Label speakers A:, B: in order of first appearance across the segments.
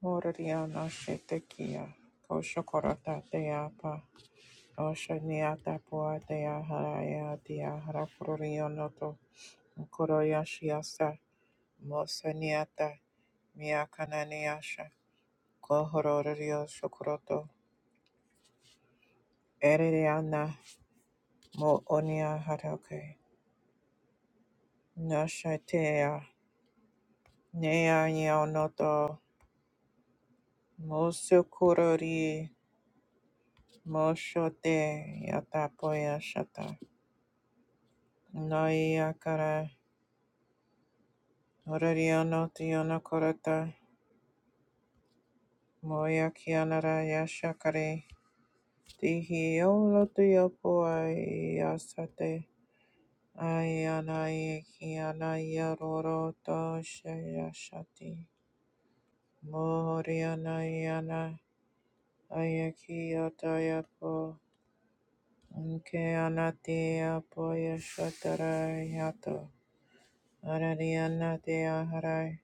A: Moraria no shetekia, koshokorata deapa, oshaniata poa dea haraya dea harakurionoto, koroyashiasa, mosaniata, miakananiasha, kohororio shokoroto, eririana, mo onia harake, nashatea, nea yonoto, mosukurori, moshote, yatapoya shata, Noia Orariano tiana corata, moya kianara yashakare, tihiolo tiopoai asate, ayanae kiana yaroro to shayashati, moriana yana, ayakiota yapo, unkeanati apoya shatara yato, orariana tiaharai,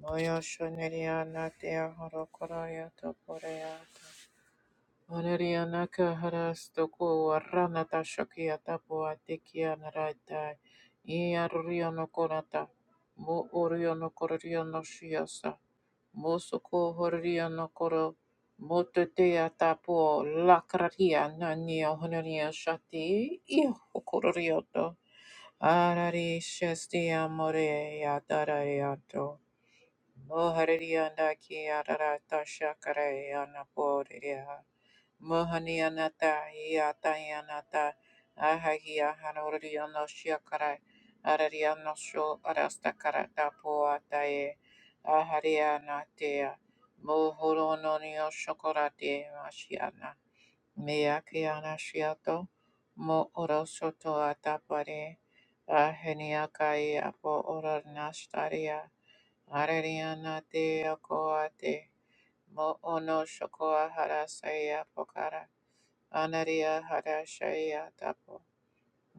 A: moyo shoneriana tiahoro yato poreata. Valeriana kaharastoko ranata shakiata poatekia narata iarriono korata mo oriono korriono shiasa mo soko horriono koro mo teteata po lakratia nanio honoria shati iho hokorrioto arari shesti amore adarariato mo harrianda ki ararata shakareana poria Mohani anata, iata anata. Mohaniyanata, Yatayanata, Ahagia Hanuriano Shiakara, Arariano Sho Arastakarata Poatae, Aharianatea, Mohorononio Shokorate Mashiana, Meakiana Shiato, Mo Orosoto Atapare, Aheniakai Apo Oranastaria, Ararianatea Koate, Mo Ono Shokoa Harasaya Pokara. Anaria Harashaya tapo,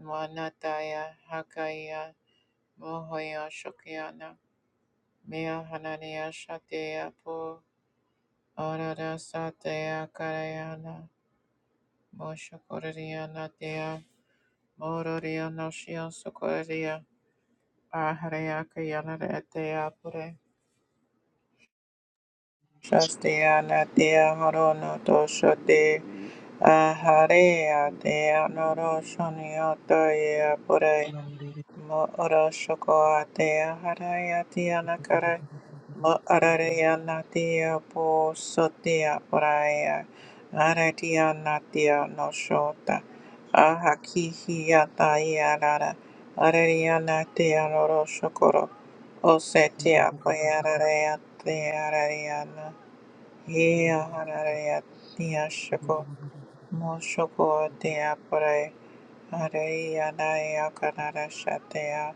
A: Wanataya Hakaya Mohoya Shokyana Mia Hanania Shatea Po Arada Satea Karayana Moshokoriana Dea Mororia Noshion Sokoria Aharaya Kayana Retea Pure Shastia Natia Horono Dosha De Aharea de anoro shonioto ye apure mo oro shoko ate aharaya te anakara mo arareya natia po sotia poraya aratia natia no shota ahakihi ata yarara arareya natia noro shokoro osetia poyarareya te arareya na he aharareya Moshokotea pre areia naia canara shatea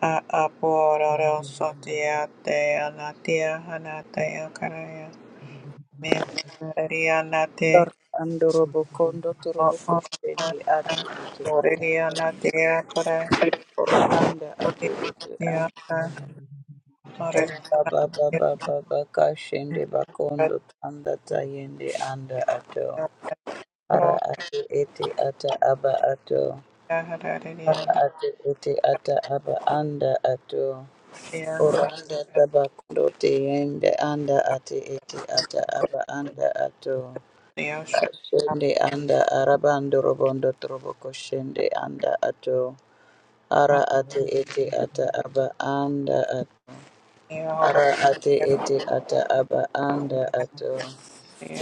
A: a apororo sotia te anatia hanatea caraya me canaria nate
B: andorobo kondo
A: o
B: torobo
A: oria
B: kushende ati ete ata
A: oria natea pre
B: ora anda ati ete
A: oria
B: anda ata
A: oria
B: ora baba baba baba kashende bakondo tanda tayende anda ato
A: natea
B: ara
A: pro
B: ati ete ata aba ato
A: hararia
B: ara ati ete ata aba anda ato
A: natea
B: ora anda tabakondo teyende anda ati ete ata aba anda ato
A: hararia shatea
B: Shende anda arabando robondo troboko shende anda ato ara ate ete ata aba anda at
A: monia horotia
B: ara ate ete ata aba anda ato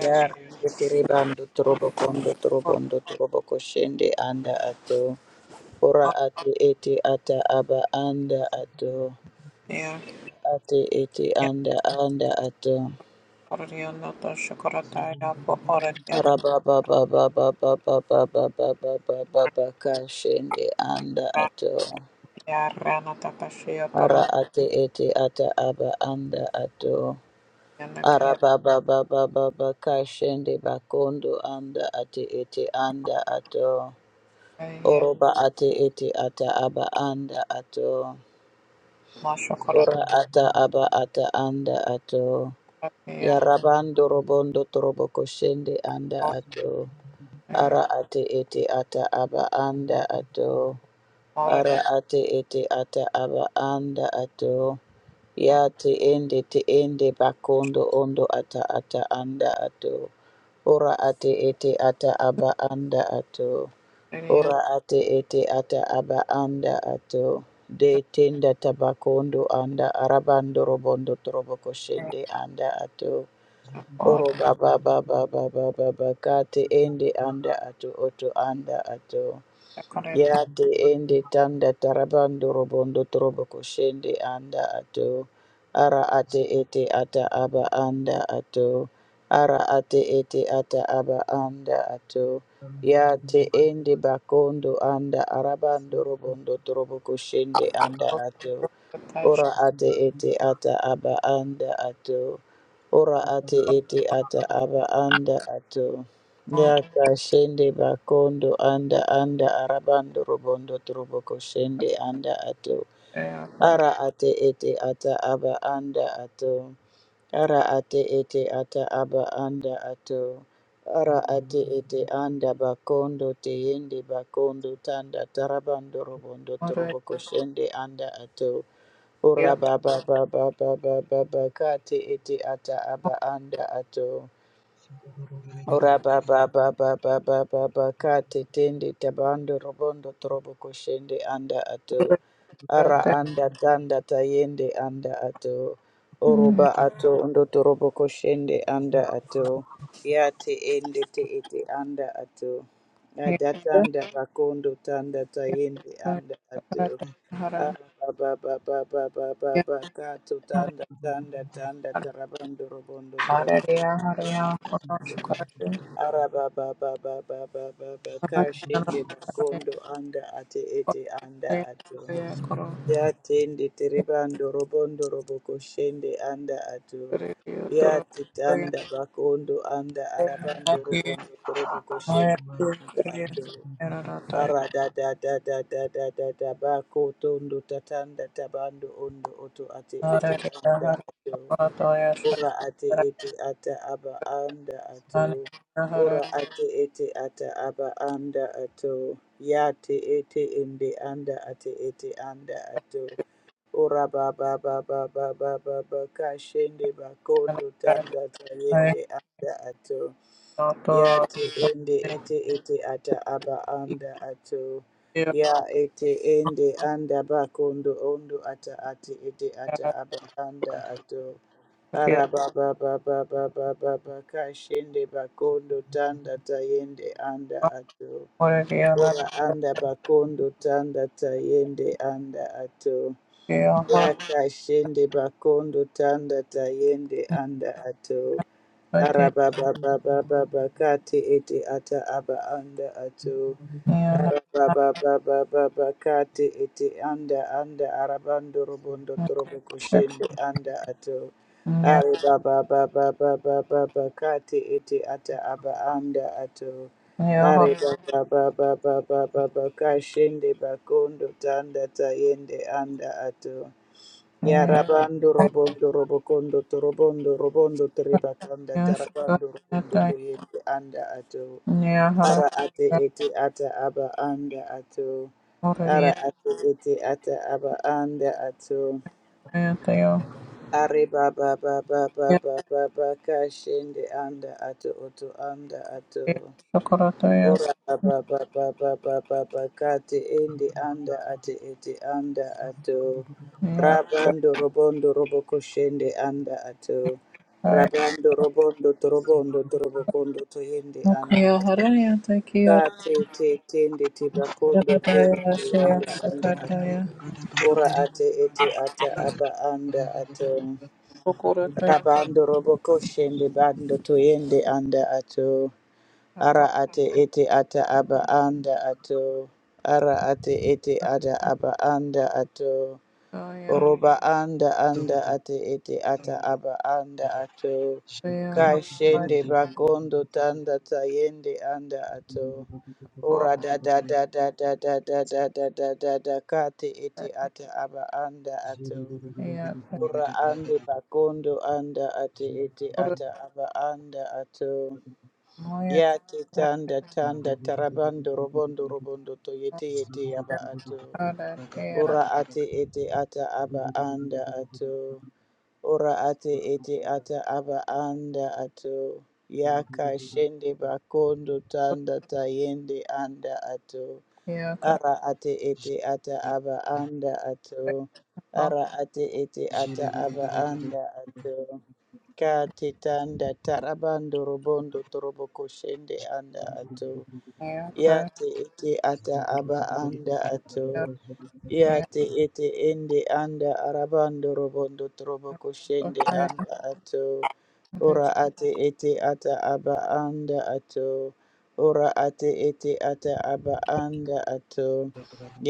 B: ya tere bando trobokondo trobondo troboko shende anda ato ora ate ete ata aba anda ato
A: Yes,
B: ate ete anda anda ato
A: Corriendo tocho corotaya poporetiana
B: Arabababababababababababa kashende anda ato.
A: rakia rana tapashia
B: Ara
A: toro
B: ate ete ata aba anda ato.
A: yana kia
B: Arababababababa kashende bakondo anda ate ete anda ato.
A: kia
B: Oroba ate ete ata aba anda ato.
A: masho corotaya
B: Ora ata aba ata anda ato.
A: kia
B: Yarabando robondo trobo koshende anda ato.
A: corotaya
B: Ara ate ete ata aba anda ato. Ara
A: corotaya
B: ate ete ata aba anda ato. Ya te ende te ende bakondo ondo ata ata anda ato. Ora ate ete ata aba anda ato.
A: kia
B: Ora ate ete ata aba anda ato. De tenda tabakondo anda arabando robondo trobo koshende anda ato. Oro
A: corotaya
B: baba baba baba baba kati endi anda atu otu anda atu.
A: corotaya
B: Yati endi tanda tarabando robondo trobo koshende anda ato. Ara ate ete ata aba anda ato. Ara ate ete ata aba anda ato. Yate endi bakondo anda
C: Thank
B: arabando robondo trobo koshende anda ato.
A: tashi
B: Ora ate ete ata aba anda ato. Ora ate ete ata aba anda ato. Yaka shende bakondo anda anda arabando robondo trobo koshende anda ato.
A: corotaya corotaya kia corotaya
B: Ara ate ete ata aba anda ato. Ara ate ete ata aba anda ato. Ara ate ete anda bakondo teyende bakondo tanda tarabando robondo
A: kia kia corotaya
B: trobo koshende anda ato. Ora baba baba baba baba ba ba ata aba anda ato. Ora baba baba baba baba ba ba tabando robondo trobo koshende anda ato. Ara anda tanda tayende anda ato. Oroba ato undo trobo koshende anda ato. Ya te ende te ete anda ato. Ada tanda bakondo tanda tayende anda ato.
A: hara
B: Tanda
A: kia hara
B: tanda tanda
A: hara
B: tarabando robondo
A: hara
B: trobondo
A: ria hara ya corotaya corotaya
B: araba baba baba baba kashinde
A: corotaya
B: bakondo anda ate ete anda ato
A: corotaya corotaya
B: yatende teribando robondo roboko shende anda ato yati tanda bakondo anda arabando robondo robo koshende ato Ara da da da da da da da da ba ko tondo tatanda tabando ondo oto ate ete anda ato ora ate ete ata aba anda ato ora ate ete ata aba anda ato ya te ete ende anda ate ete anda ato Ora ba ba ba ba kashende bakondo tanda tayende anda ato ya te ende ete ete ata aba anda ato ya ete ende anda bakondo ondo ata ate ete ata aba anda ato ara ba ba ba ba kashende bakondo tanda tayende anda ato ora anda bakondo tanda tayende anda ato yakashende bakondo tanda tayende anda ato Arababa baba baba kate ete ata aba anda ato Arababa baba baba kate ete anda anda arabando robondo trobo koshende anda ato arabababababa kate ete ata aba anda ato arabababababa kashende bakondo tanda tayende anda ato Yarabando robondo robokondo torobondo robondo terebakanda tarabando robondo toyende anda ato ara ate ete ata aba anda ato ara ate ete ata aba anda ato are baba baba
A: Yeah,
B: baba baba kashende anda ato oto anda ato
A: Sokorataya
B: Ora baba baba baba baba kati endi anda ati eti anda ato
A: Sanya
B: rabando robondo robo koshende anda ato
A: Sakataya
B: rabando robondo torobondo torobokondo toyende anda
A: Mukaya Haraya Takiya
B: kati te tende tibakondo tende
A: Yamataya
B: te
A: Shaya
B: anda anda ato
A: Sakataya
B: ora ate ete ata aba anda ato
A: Sokorataya
B: rabando robo koshende bando toyende anda ato Ara ate ete ata aba anda ato. Ara ate ete ada aba anda ato.
A: Hapataya
B: Oroba anda anda ate ete ata aba anda ato.
A: Shaya Hapataya
B: Kashende bakondo tanda tayende anda ato. Ora da da da da da da da da da da da da kate ete
A: Korataya
B: ata aba anda ato. Ora ande bakondo anda ate ete
A: Sokorataya
B: ata aba anda ato.
A: Moya
B: Ya
A: Kirataya
B: tanda tanda tarabando robondo robondo to yete yete yaba ato.
A: Karataya
B: Ora ate
C: you.
B: ete ata aba
C: Thank
B: anda ato. Ora ate ete ata aba anda ato. Yaka shende bakondo tanda tayende anda ato.
A: Sotia Karataya
B: Ara ate ete ata aba anda ato. Ara ate ete ata aba anda ato. Kati tanda tarabando robondo torobo koshende anda ato.
A: Kohaya Karataya
B: Yate ete ata aba anda ato.
A: Shaya
B: Yate ete ende anda arabando robondo torobo koshende
A: Sotaya
B: anda ato.
A: Karataya
B: Ora ate ete ata aba anda ato. Ora ate ete ata aba anda ato.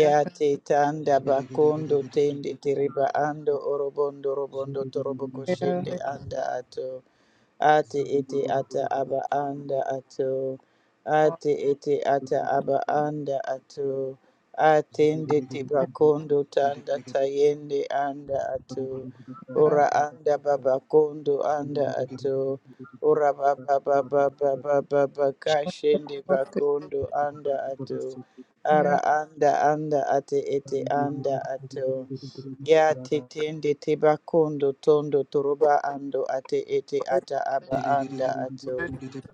A: Tataya
B: tanda bakondo tende tereba ando orobondo robondo torobo koshende
A: Rimotaya
B: anda ato ati iti ata aba anda ato ati iti ata aba anda ato atende tibakondo tanda tayende anda ato ora anda
C: you.
B: babakondo anda
C: Thank
B: ato ora baba baba baba baba kashende
A: Sokorataya
B: bakondo anda ato ara anda anda ati iti anda ato Ya tetende teba kondo tondo toroba ando ate ete ata aba anda ato.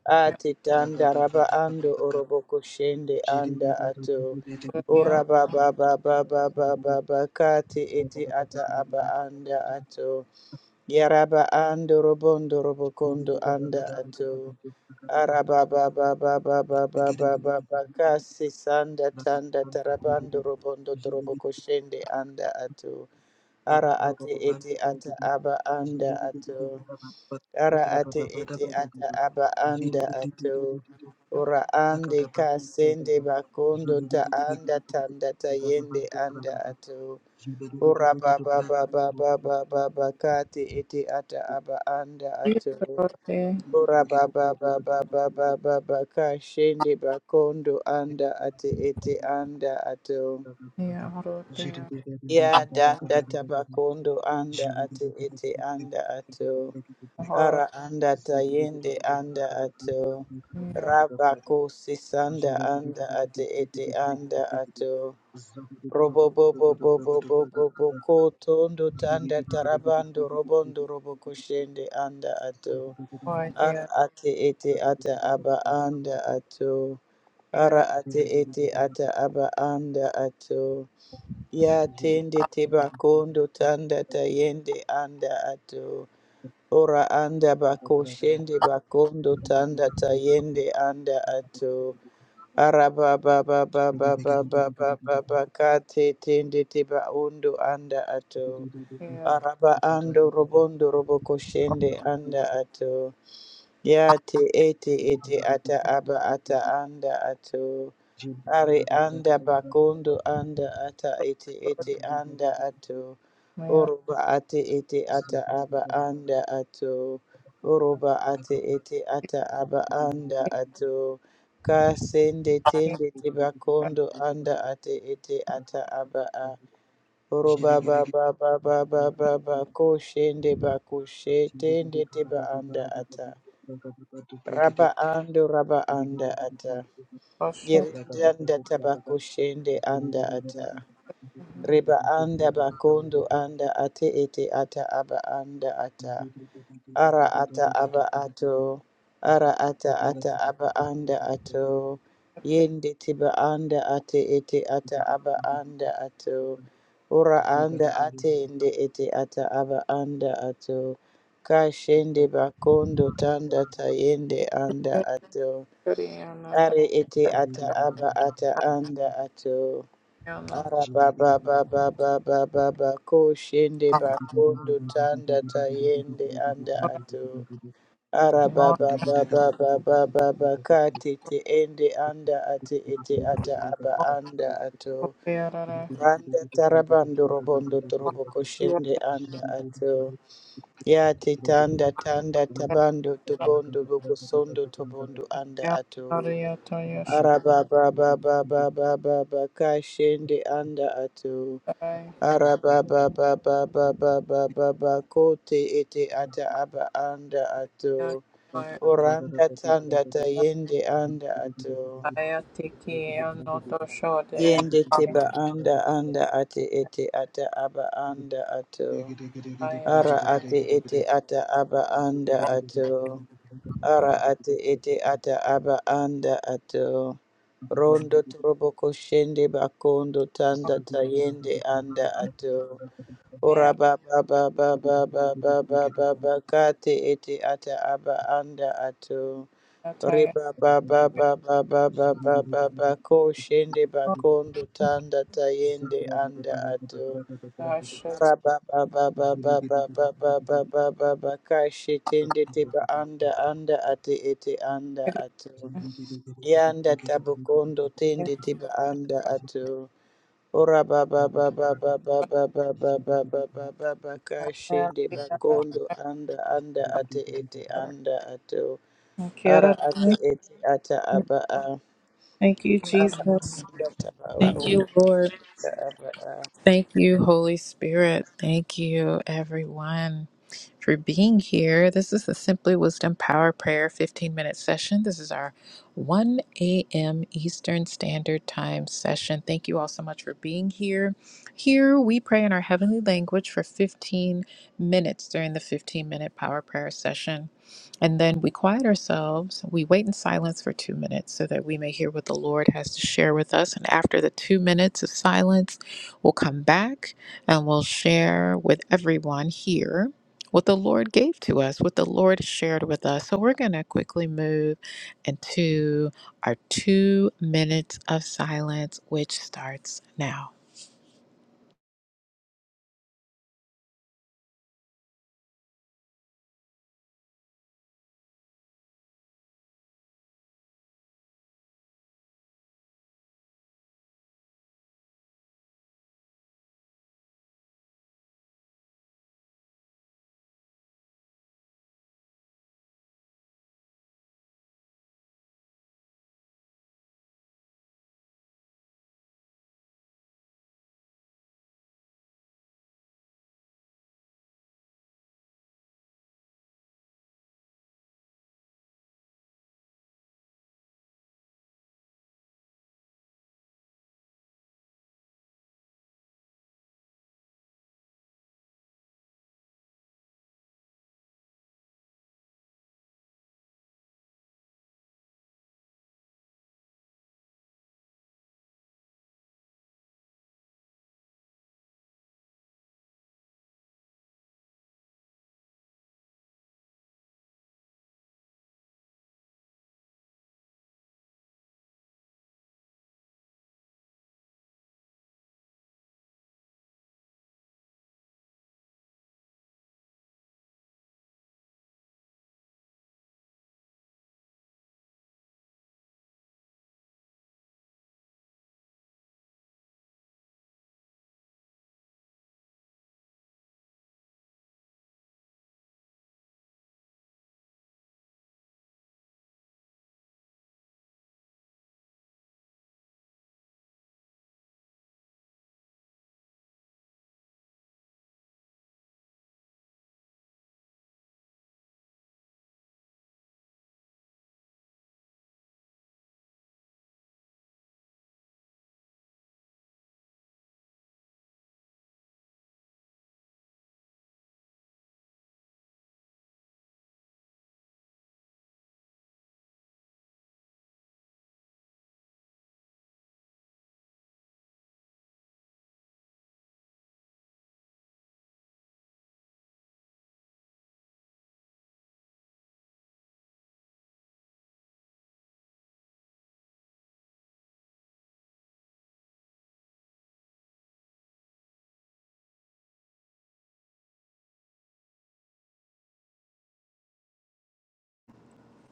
B: ati tanda raba ando orobo koshende anda ato.
A: Karataya
B: Ora ba ba ba ba ba ba ba ba kate ete ata aba anda ato. Yaraba ando robondo robo kondo anda ato. Araba ba ba ba ba ba ba ba ba ba kasi sanda tanda tarabando robondo torobo
C: you.
B: koshende anda ato.
C: Thank
B: Ara ate ete ata aba anda ato. Ara ate ete ata aba anda ato. Ora ande ka sende bakondo ta anda tanda ta yende anda ato. Ora baba baba baba baba ba kate ete ata aba anda ato.
A: Karataya
B: Ora baba baba baba baba ba ba ka shende bakondo anda ate ete anda ato.
A: Yeah, hold on, there,
B: Ya danda tabakondo anda ate ete anda ato.
C: you.
A: hold
B: Ara anda
C: Thank
B: tayende anda ato.
A: on, yeah,
B: Rabako sisanda anda ate ete anda ato. Robobobobobobobobo tondo tanda tarabando robondo robokoshende anda ato.
A: right
B: Ara
A: there,
B: ate ete ata aba anda ato. Ara
A: yeah,
B: ate ete ata aba anda ato. Ya tende te bakondo tanda tayende anda ato. Ora anda bako shende bakondo tanda tayende anda ato. Araba ba ba ba ba ba ba ba ba ba kate tende te baondo anda ato.
A: yeah,
B: Araba ando robondo roboko shende anda
C: you.
B: ato. Ya te ete ete
C: Thank
B: ata aba ata anda ato. Ari anda bakondo anda ata ete ete anda ato.
A: yeah,
B: Oroba ate ete ata aba anda ato. Oroba ate ete ata aba anda ato. Kasende
A: yeah,
B: tende te bakondo anda ate ete ata aba a. Oroba ba ba ba ba ba ba ba ko shende ba ko she tende te ba anda ata. Raba ando raba anda ata.
A: oh, shut
B: Yerindanda tabako shende anda ata.
A: the hell
B: reba anda bakondo
C: you.
B: anda ate ete ata aba anda
C: Thank
B: ata.
C: you.
B: Ara ata aba ato. Ara ata ata aba anda ato.
A: up,
B: Yende tiba anda ate ete ata aba anda ato. Ora anda ate ende ete ata aba anda ato. Kashende bakondo tanda tayende anda
A: yeah,
B: ato.
A: pretty and nothing,
B: Ari ete ata aba ata anda ato.
A: yeah, nothing,
B: Araba ba ba ba ba ba ba ba ko shende ba kondo tanda tayende anda
A: but
B: ato. Araba
A: not
B: ba ba ba ba ba ba ba ka tete ende anda ati ete ata aba anda ato.
A: there, yeah,
B: Randa tarabando robondo torobo ko shende
C: Zugu
B: anda ato. Ya te tanda tanda
A: yeah,
B: tabando tobondo boko sondo tobondo anda
A: yeah,
B: ato.
A: yeah, to your
B: Araba ba ba ba ba ba ba ba ka shende anda ato.
A: side,
B: Araba ba ba ba ba ba ba ba ba ko te ete ata aba anda
A: yeah,
B: ato.
A: my,
B: Oranda tanda ta yende anda ato.
A: I take yeah, not to show the,
B: Yende
A: I,
B: teba anda anda ate ete ata aba anda ato.
A: yeah,
B: Ara ate ete ata aba anda ato. Ara ate ete ata aba anda ato. Rondo trobo koshende bakondo tanda tayende anda ato. Ora
A: yeah,
B: ba ba ba ba ba ba ba ba ba ba kate ete ata aba anda ato.
A: I,
B: riba ba ba ba ba ba ba ba ba ba koshende
A: yeah,
B: bakondo tanda tayende anda ato.
A: I should,
B: Araba ba ba ba ba ba ba ba ba ba ba ba Kashi tende tiba anda anda ati iti anda atu. Yanda tabukondo tende tiba anda atu. Ora baba baba baba baba baba baba baba kashi
A: yeah,
B: ndi bakondo anda anda ati iti
A: yeah,
B: anda atu.
A: Thank you,
B: Ara
A: Jesus.
B: ati iti ata aba a.
A: Thank you,
B: Ara
A: Jesus.
B: anda taba
A: Thank
B: unda
A: you, Lord.
B: ata aba a.
A: Thank you, Holy Spirit. Thank you, everyone, for being here. This is the Simply Wisdom Power Prayer 15 minute session. This is our 1 a.m. Eastern Standard Time session. Thank you all so much for being here. Here we pray in our heavenly language for 15 minutes during the 15 minute power prayer session. And then we quiet ourselves. We wait in silence for two minutes so that we may hear what the Lord has to share with us. And after the two minutes of silence, We'll come back and we'll share with everyone here what the Lord gave to us, what the Lord shared with us. So we're going to quickly move into our two minutes of silence, which starts now.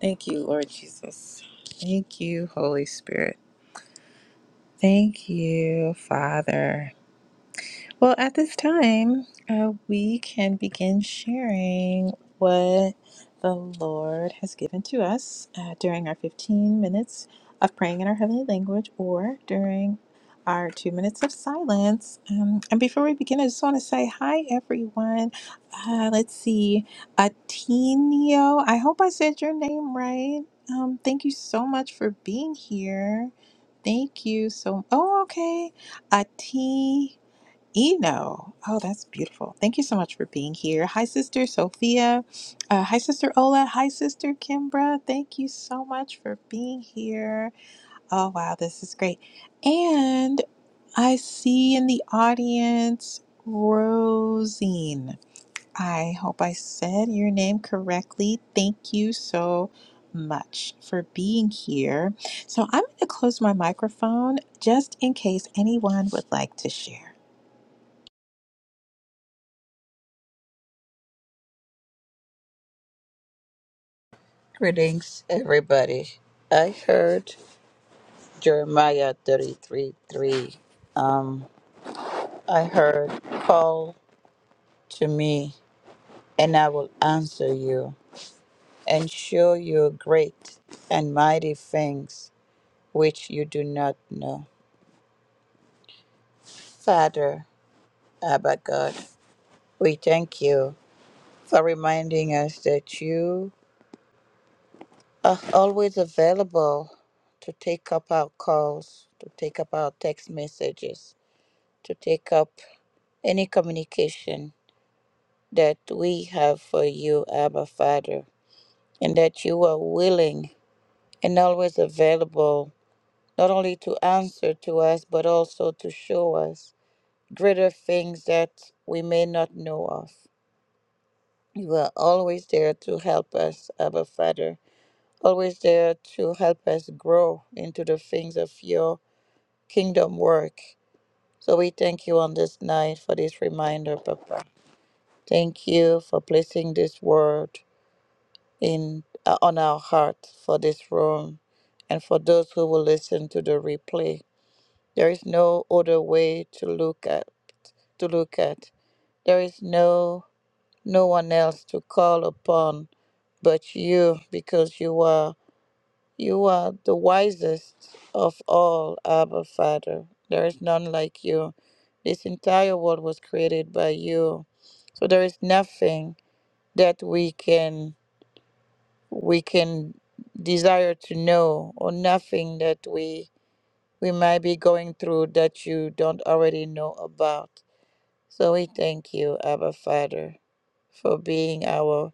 A: Thank you, Lord Jesus. Thank you, Holy Spirit. Thank you, Father. Well, at this time, uh, we can begin sharing what the Lord has given to us uh, during our 15 minutes of praying in our heavenly language or during our two minutes of silence. Um, and before we begin, I just want to say hi, everyone. Uh, let's see, Atinio, I hope I said your name right. Um, thank you so much for being here. Thank you so. Oh, okay. Ati. Eno. Oh, that's beautiful. Thank you so much for being here. Hi, Sister Sophia. Uh, hi, Sister Ola. Hi, Sister Kimbra. Thank you so much for being here. Oh, wow, this is great. And I see in the audience Rosine. I hope I said your name correctly. Thank you so much for being here. So I'm going to close my microphone just in case anyone would like to share.
B: Greetings, everybody. I heard. Jeremiah 33 3. Um, I heard, Call to me, and I will answer you, and show you great and mighty things which you do not know. Father, Abba God, we thank you for reminding us that you are always available to take up our calls, to take up our text messages, to take up any communication that we have for you, Abba Father, and that you are willing and always available not only to answer to us, but also to show us greater things that we may not know of. You are always there to help us, Abba Father, always there to help us grow into the things of your kingdom work. So we thank you on this night for this reminder, Papa. Thank you for placing this word in uh, on our heart for this room and for those who will listen to the replay. There is no other way to look at to look at. There is no no one else to call upon but you because you are you are the wisest of all, Abba Father. There is none like you. This entire world was created by you. So there is nothing that we can we can desire to know or nothing that we we might be going through that you don't already know about. So we thank you, Abba Father, for being our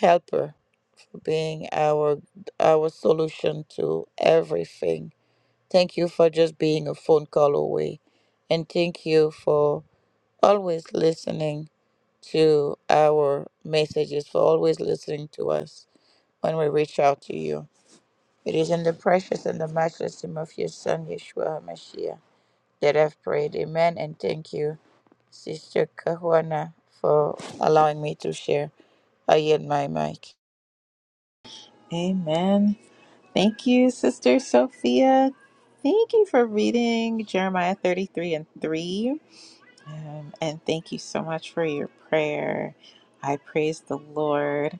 B: helper, for being our our solution to everything. Thank you for just being a phone call away. And thank you for always listening to our messages, for always listening to us when we reach out to you. It is in the precious and the matchless name of your Son, Yeshua HaMashiach, that I've prayed. Amen. And thank you, Sister Kahuana, for allowing me to share. I yield my mic.
A: Amen. Thank you, Sister Sophia. Thank you for reading Jeremiah 33 and 3. Um, and thank you so much for your prayer. I praise the Lord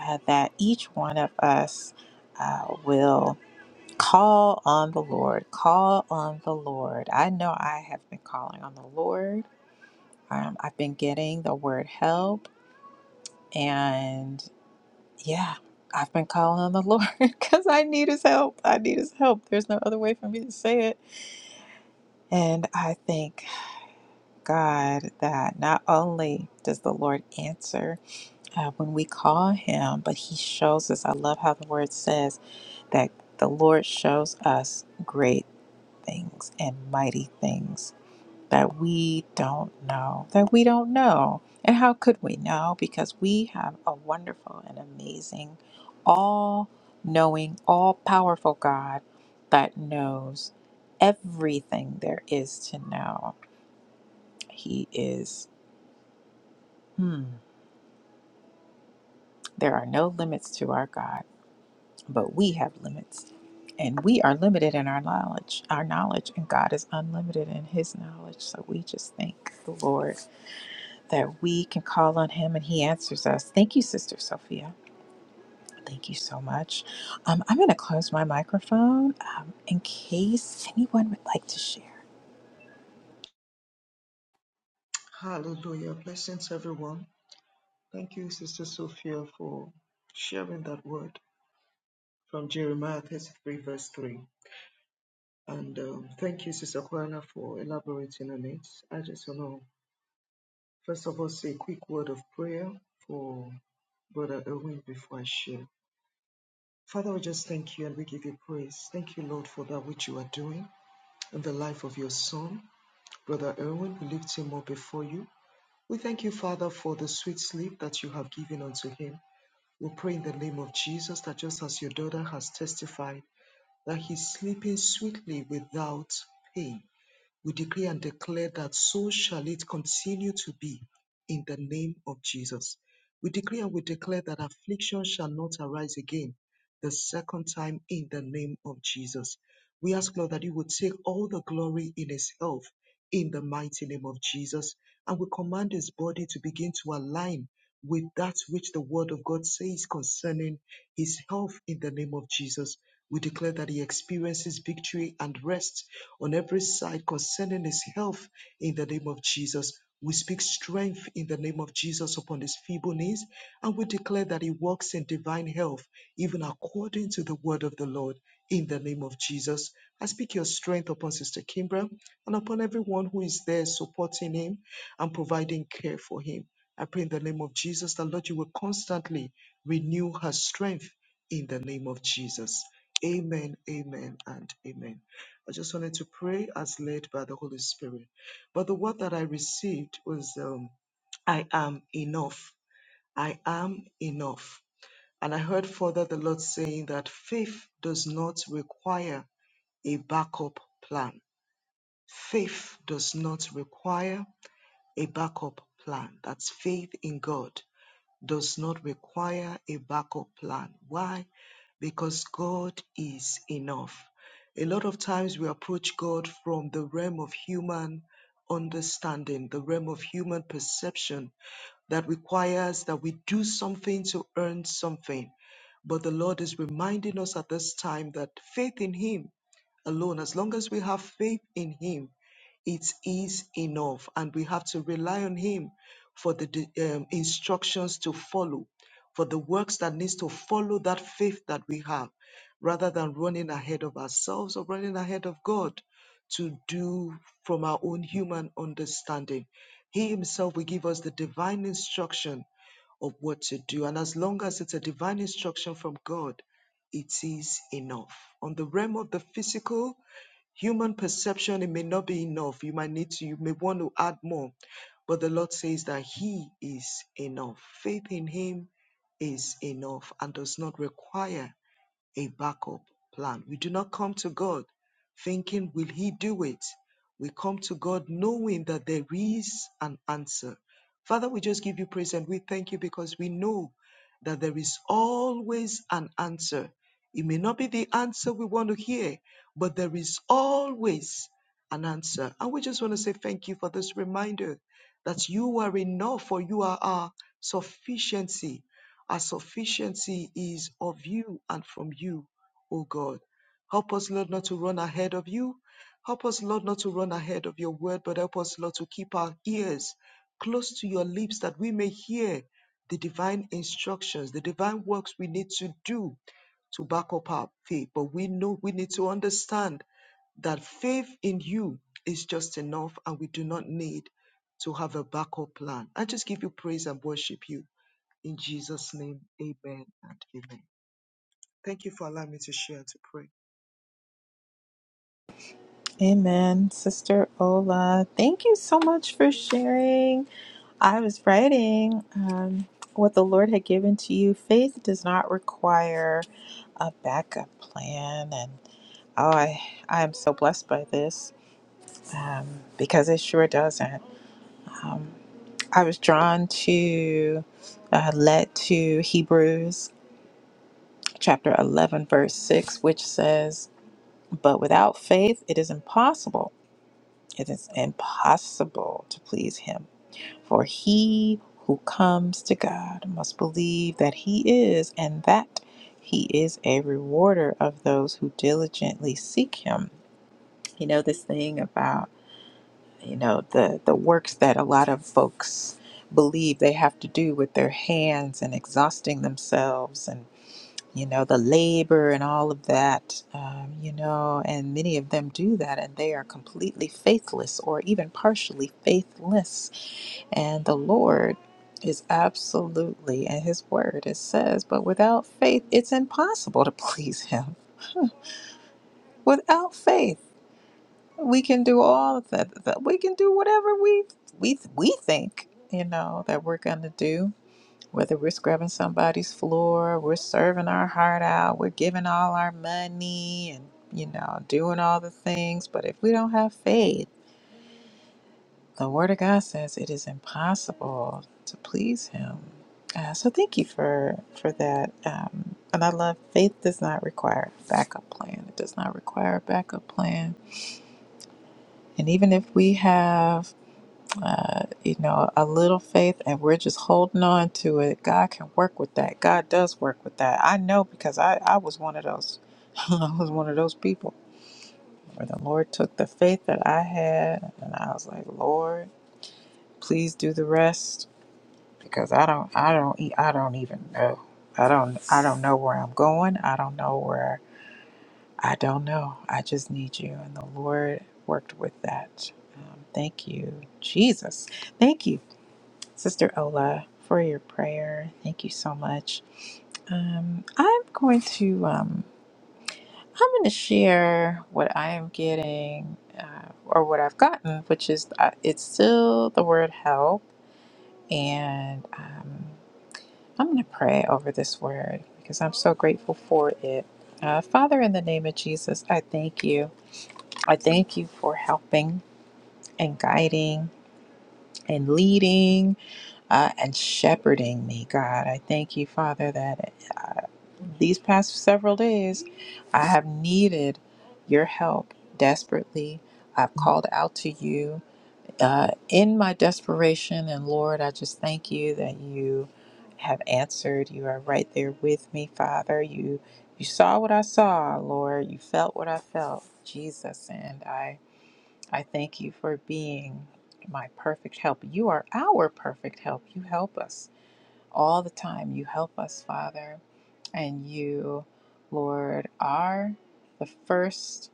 A: uh, that each one of us uh, will call on the Lord. Call on the Lord. I know I have been calling on the Lord. Um, I've been getting the word help, and yeah, I've been calling on the Lord because I need his help. I need his help. There's no other way for me to say it. And I thank God that not only does the Lord answer uh, when we call him, but he shows us. I love how the word says that the Lord shows us great things and mighty things that we don't know, that we don't know. And how could we know? Because we have a wonderful and amazing, all knowing, all powerful God that knows everything there is to know. He is, hmm, there are no limits to our God, but we have limits. And we are limited in our knowledge, our knowledge, and God is unlimited in His knowledge. So we just thank the Lord that we can call on him and he answers us. Thank you, Sister Sophia. Thank you so much. Um, I'm going to close my microphone um, in case anyone would like to share.
C: Hallelujah. Blessings, everyone. Thank you, Sister Sophia, for sharing that word. from Jeremiah 33, verse 3. And um, thank you, Sister Kwana, for elaborating on it. I just want to, first of all, say a quick word of prayer for Brother Erwin before I share. Father, we just thank you and we give you praise. Thank you, Lord, for that which you are doing in the life of your son, Brother Erwin. We lift him up before you. We thank you, Father, for the sweet sleep that you have given unto him. We pray in the name of Jesus that just as your daughter has testified, that he's sleeping sweetly without pain. We decree and declare that so shall it continue to be in the name of Jesus. We decree and we declare that affliction shall not arise again the second time in the name of Jesus. We ask, Lord, that you would take all the glory in his health in the mighty name of Jesus. And we command his body to begin to align with that which the word of God says concerning his health in the name of Jesus. We declare that he experiences victory and rest on every side concerning his health in the name of Jesus. We speak strength in the name of Jesus upon his feeble knees, and we declare that he walks in divine health, even according to the word of the Lord, in the name of Jesus. I speak your strength upon Sister Kimbra and upon everyone who is there supporting him and providing care for him. I pray in the name of Jesus that, Lord, you will constantly renew her strength in the name of Jesus. Amen, amen, and amen. I just wanted to pray as led by the Holy Spirit. But the word that I received was um, I am enough. I am enough. And I heard further the Lord saying that faith does not require a backup plan. Faith does not require a backup plan. That's faith in God does not require a backup plan. Why? Because God is enough. A lot of times we approach God from the realm of human understanding, the realm of human perception that requires that we do something to earn something. But the Lord is reminding us at this time that faith in Him alone, as long as we have faith in Him, it is enough. And we have to rely on Him for the di- um, instructions to follow, for the works that needs to follow that faith that we have, rather than running ahead of ourselves or running ahead of God to do from our own human understanding. He himself will give us the divine instruction of what to do. And as long as it's a divine instruction from God, it is enough. On the realm of the physical, Human perception, it may not be enough. You might need to, you may want to add more. But the Lord says that He is enough. Faith in Him is enough and does not require a backup plan. We do not come to God thinking, will He do it? We come to God knowing that there is an answer. Father, we just give you praise and we thank you because we know that there is always an answer. It may not be the answer we want to hear, but there is always an answer. And we just want to say thank you for this reminder that you are enough for you are our sufficiency our sufficiency is of you and from you, O God. Help us, Lord, not to run ahead of you. Help us, Lord, not to run ahead of your word, but help us, Lord, to keep our ears close to your lips that we may hear the divine instructions, the divine works we need to do to back up our faith. But we know we need to understand that faith in you is just enough and we do not need to have a backup plan. I just give you praise and worship you. In Jesus' name, amen and amen. Thank you for allowing me to share and to pray.
A: Amen, Sister Ola. Thank you so much for sharing. I was writing um, what the Lord had given to you. Faith does not require a backup plan. And oh, I, I am so blessed by this um, because it sure doesn't. I was drawn to, uh, led to Hebrews chapter 11, verse 6, which says, But without faith, it is impossible. It is impossible to please him. For he who comes to God must believe that he is, and that he is a rewarder of those who diligently seek him. You know, this thing about you know the the works that a lot of folks believe they have to do with their hands and exhausting themselves and you know the labor and all of that um, you know and many of them do that and they are completely faithless or even partially faithless and the lord is absolutely and his word it says but without faith it's impossible to please him without faith we can do all of that, that we can do whatever we we we think you know that we're going to do whether we're scrubbing somebody's floor we're serving our heart out we're giving all our money and you know doing all the things but if we don't have faith the word of god says it is impossible to please him uh, so thank you for for that um, and i love faith does not require a backup plan it does not require a backup plan and even if we have uh, you know, a little faith and we're just holding on to it. God can work with that. God does work with that. I know because I, I was one of those I was one of those people where the Lord took the faith that I had and I was like, Lord, please do the rest because I don't I don't e- I don't even know. I don't I don't know where I'm going. I don't know where I don't know. I just need you and the Lord worked with that. Um, thank you, Jesus. Thank you Sister Ola, for your prayer. Thank you so much. Um, I'm going to um, I'm going to share what I am getting uh, or what I've gotten, which is uh, it's still the word help, and um, I'm going to pray over this word because I'm so grateful for it. Uh, Father, in the name of Jesus, I thank you. I thank you for helping and guiding and leading uh, and shepherding me, God. I thank you, Father, that uh, these past several days I have needed your help desperately. I've called out to you uh, in my desperation, and Lord, I just thank you that you have answered. You are right there with me, Father. You you saw what I saw, Lord. You felt what I felt, Jesus, and I. I thank you for being my perfect help. You are our perfect help. You help us all the time. You help us, Father. And you, Lord, are the first.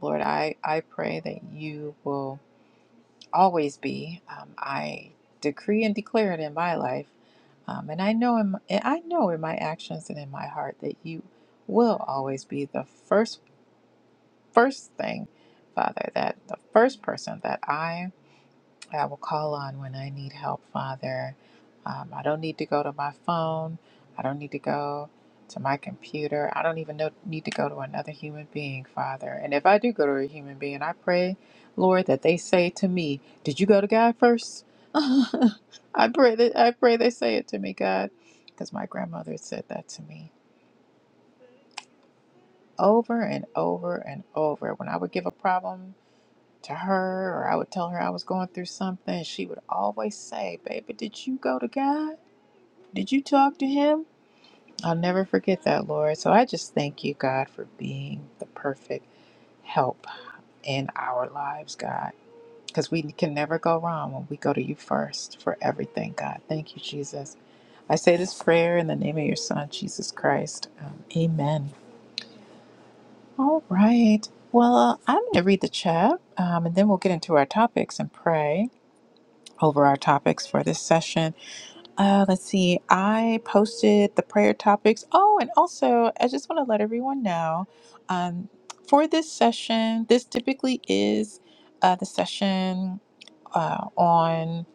A: Lord, I, I pray that you will always be. Um, I decree and declare it in my life. Um, and I know in my, and I know in my actions and in my heart that you will always be the first first thing, Father, that the first person that I I will call on when I need help, Father. Um, I don't need to go to my phone. I don't need to go to my computer. I don't even know, need to go to another human being, Father. And if I do go to a human being, I pray, Lord, that they say to me, "Did you go to God first?" I pray that I pray they say it to me, God, because my grandmother said that to me over and over and over when I would give a problem to her or I would tell her I was going through something. and She would always say, Baby, did you go to God? Did you talk to Him? I'll never forget that, Lord. So I just thank you, God, for being the perfect help in our lives, God. Because we can never go wrong when we go to you first for everything, God. Thank you, Jesus. I say this prayer in the name of your Son, Jesus Christ. Um, amen. All right. Well, uh, I'm going to read the chat um, and then we'll get into our topics and pray. over our topics for this session. Uh, let's see, I posted the prayer topics. Oh, and also, I just want to let everyone know um, for this session, this typically is uh, the session uh, on,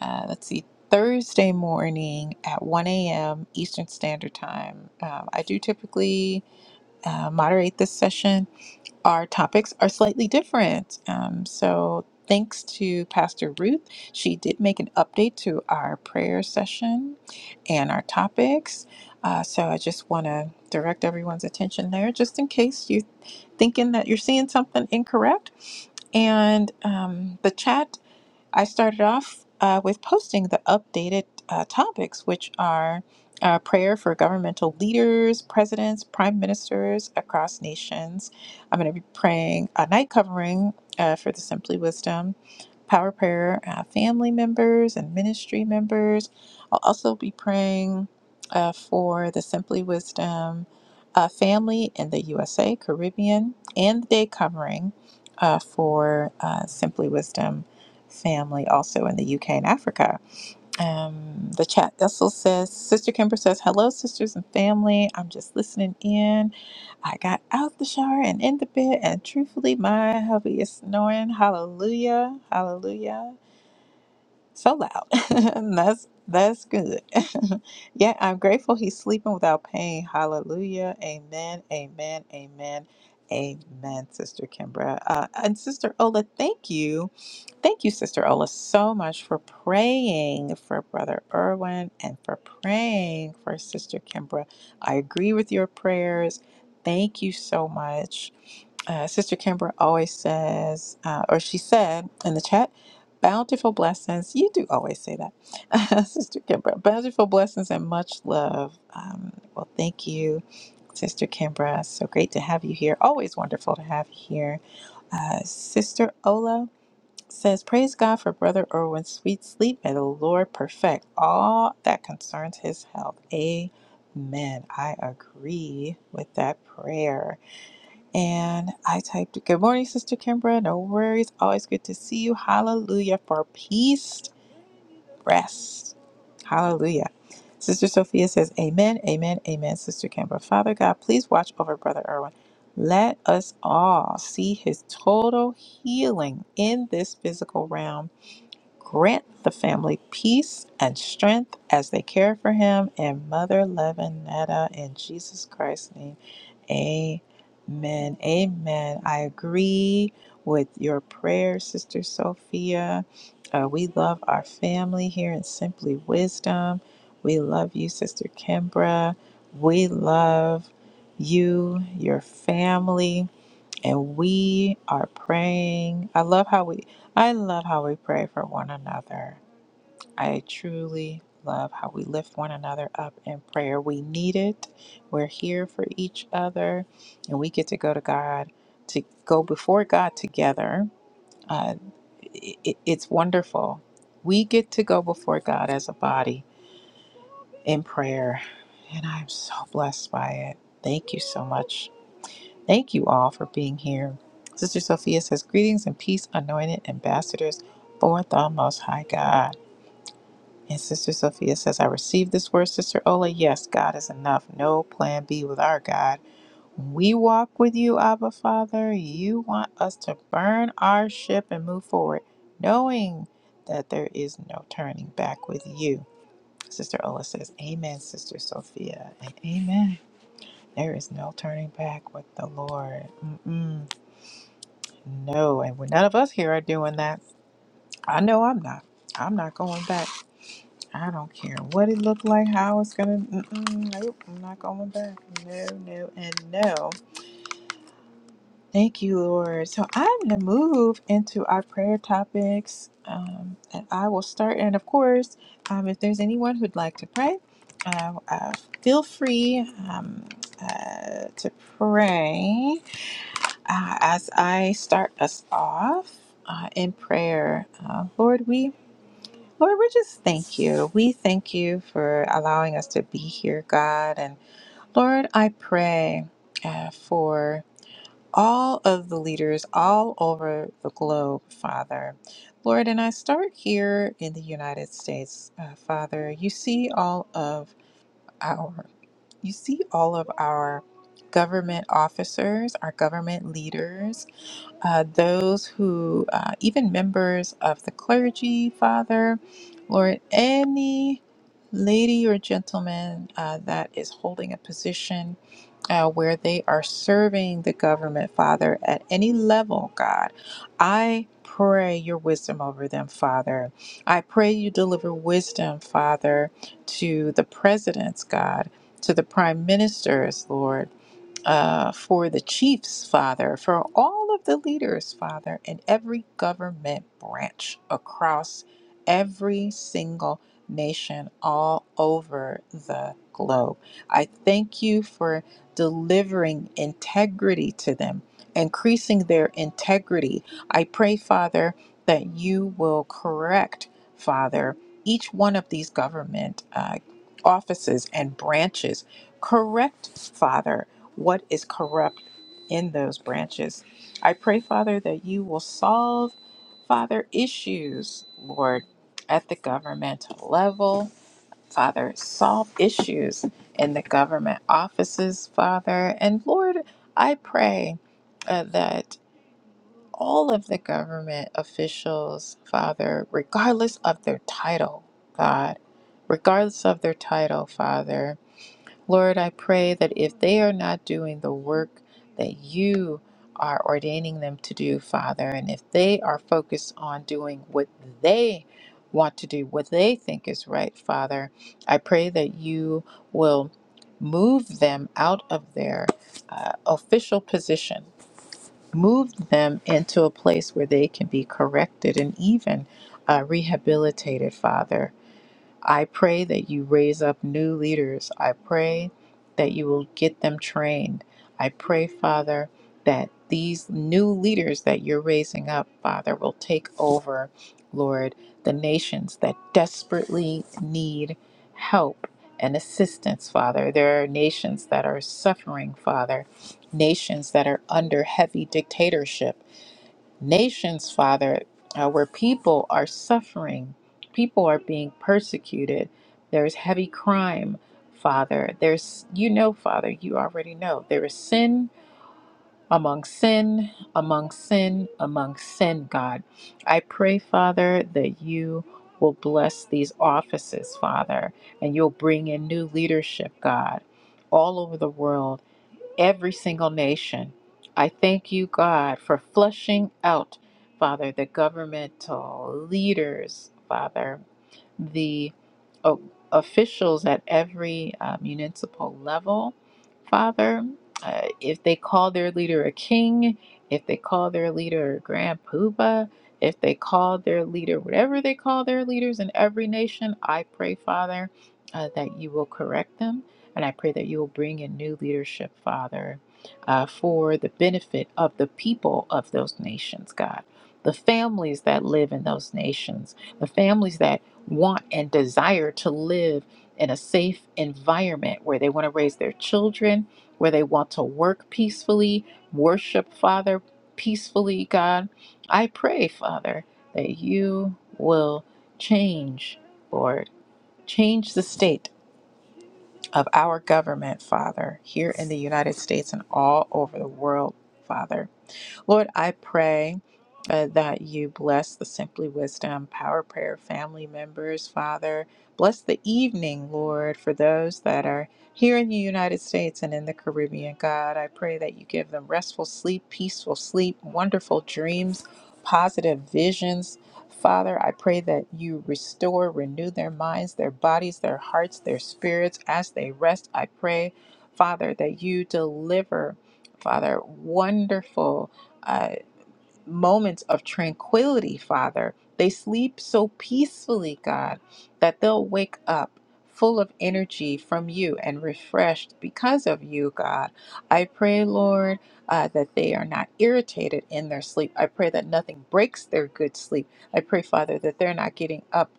A: uh, let's see, Thursday morning at 1 a.m. Eastern Standard Time. Um, I do typically uh, moderate this session our topics are slightly different. Um, so, thanks to Pastor Ruth. She did make an update to our prayer session and our topics. Uh, so, I just want to direct everyone's attention there just in case you're thinking that you're seeing something incorrect. And um, the chat I started off uh, with posting the updated uh, topics, which are uh, prayer for governmental leaders, presidents, prime ministers across nations. I'm going to be praying a night covering uh, for the Simply Wisdom Power Prayer uh, family members and ministry members. I'll also be praying uh, for the Simply Wisdom uh, family in the USA, Caribbean, and the day covering uh, for uh, Simply Wisdom family also in the UK and Africa. Um, the chat vessel says, Sister Kimber says, Hello, sisters and family. I'm just listening in. I got out the shower and in the bed, and truthfully, my hubby is snoring. Hallelujah. Hallelujah so loud. that's that's good. yeah, I'm grateful he's sleeping without pain. Hallelujah. Amen. Amen. Amen. Amen, Sister Kimbra. Uh, and Sister Ola, thank you. Thank you, Sister Ola, so much for praying for Brother Irwin and for praying for Sister Kimbra. I agree with your prayers. Thank you so much uh, Sister Kimber always says, uh, or she said in the chat, bountiful blessings. You do always say that, Sister Kimbra. Bountiful blessings and much love. Um, well, thank you, Sister Kimbra. So great to have you here. Always wonderful to have you here. Uh, Sister Ola says, Praise God for Brother Irwin's sweet sleep. May the Lord perfect all that concerns his health. Amen. I agree with that prayer. And I typed, Good morning, Sister Kimbra. No worries. Always good to see you. Hallelujah for peace, rest. Hallelujah. Sister Sophia says, Amen, amen, amen, Sister Kimbra. Father God, please watch over Brother Irwin. Let us all see his total healing in this physical realm. Grant the family peace and strength as they care for him and Mother Levinetta in Jesus Christ's name. Amen. Amen. I agree with your prayer, Sister Sophia. Uh, we love our family here in Simply Wisdom. We love you, Sister Kimbra. We love you, your family, and we are praying. I love how we I love how we pray for one another. I truly love how we lift one another up in prayer. We need it. We're here for each other, and we get to go to God, to go before God together. Uh, i it's wonderful. We get to go before God as a body in prayer, and I'm so blessed by it. Thank you so much. Thank you all for being here. Sister Sophia says, Greetings and peace, anointed ambassadors for the Most High God. And Sister Sophia says, I received this word, Sister Ola. Yes, God is enough. No plan B with our God. When we walk with you, Abba Father, you want us to burn our ship and move forward, knowing that there is no turning back with you. Sister Ola says, Amen, Sister Sophia. And amen. There is no turning back with the Lord. Mm-mm. No. And when none of us here are doing that, I know I'm not. I'm not going back. I don't care what it looked like, how it's gonna. Mm-mm, nope, I'm not going back. No, no, and no. Thank you, Lord. So I'm gonna move into our prayer topics, um, and I will start. And of course, um, if there's anyone who'd like to pray, uh, uh, feel free um, uh, to pray uh, as I start us off uh, in prayer. Uh, Lord, we Lord, we just thank you. We thank you for allowing us to be here, God. And Lord, I pray uh, for all of the leaders all over the globe, Father. Lord, and I start here in the United States, uh, Father. You see all of our, you see all of our government officers, our government leaders uh, those who, uh, even members of the clergy, Father, Lord, any lady or gentleman uh, that is holding a position uh, where they are serving the government, Father, at any level, God, I pray your wisdom over them, Father. I pray you deliver wisdom, Father, to the presidents, God. To the prime ministers, Lord uh, for the chiefs, Father, for all of the leaders, Father, in every government branch across every single nation all over the globe. I thank you for delivering integrity to them, increasing their integrity. I pray, Father, that you will correct, Father, each one of these government uh, offices and branches. Correct, Father what is corrupt in those branches. I pray, Father, that you will solve, Father, issues, Lord, at the governmental level. Father, solve issues in the government offices, Father. And Lord, I pray uh, that all of the government officials, Father, regardless of their title, God, regardless of their title, Father, Lord, I pray that if they are not doing the work that you are ordaining them to do, Father, and if they are focused on doing what they want to do, what they think is right, Father, I pray that you will move them out of their uh, official position, move them into a place where they can be corrected and even uh, rehabilitated, Father. I pray that you raise up new leaders. I pray that you will get them trained. I pray, Father, that these new leaders that you're raising up, Father, will take over, Lord, the nations that desperately need help and assistance, Father. There are nations that are suffering, Father, nations that are under heavy dictatorship nations, Father, uh, where people are suffering, people are being persecuted. There's heavy crime, Father. There's, you know, Father, you already know. There is sin among sin, among sin, among sin, God. I pray, Father, that you will bless these offices, Father, and you'll bring in new leadership, God, all over the world every single nation. I thank you, God, for flushing out, Father, the governmental leaders, Father the o- officials at every uh, municipal level, Father. Uh, if they call their leader a king, if they call their leader Grand Poobah, if they call their leader whatever they call their leaders in every nation, I pray, Father, uh, that you will correct them. And I pray that you will bring in new leadership, Father, uh, for the benefit of the people of those nations, God, the families that live in those nations, the families that want and desire to live in a safe environment where they want to raise their children, where they want to work peacefully, worship Father peacefully, God. I pray, Father, that you will change, Lord, change the state of our government, Father, here in the United States and all over the world, Father. Lord, I pray uh, that you bless the Simply Wisdom Power Prayer family members, Father. Bless the evening, Lord, for those that are here in the United States and in the Caribbean. God, I pray that you give them restful sleep, peaceful sleep, wonderful dreams, positive visions. Father, I pray that you restore, renew their minds, their bodies, their hearts, their spirits as they rest. I pray, Father, that you deliver, Father, wonderful uh, moments of tranquility, Father. They sleep so peacefully, God, that they'll wake up full of energy from you and refreshed because of you, God. I pray, Lord, uh, that they are not irritated in their sleep. I pray that nothing breaks their good sleep. I pray, Father, that they're not getting up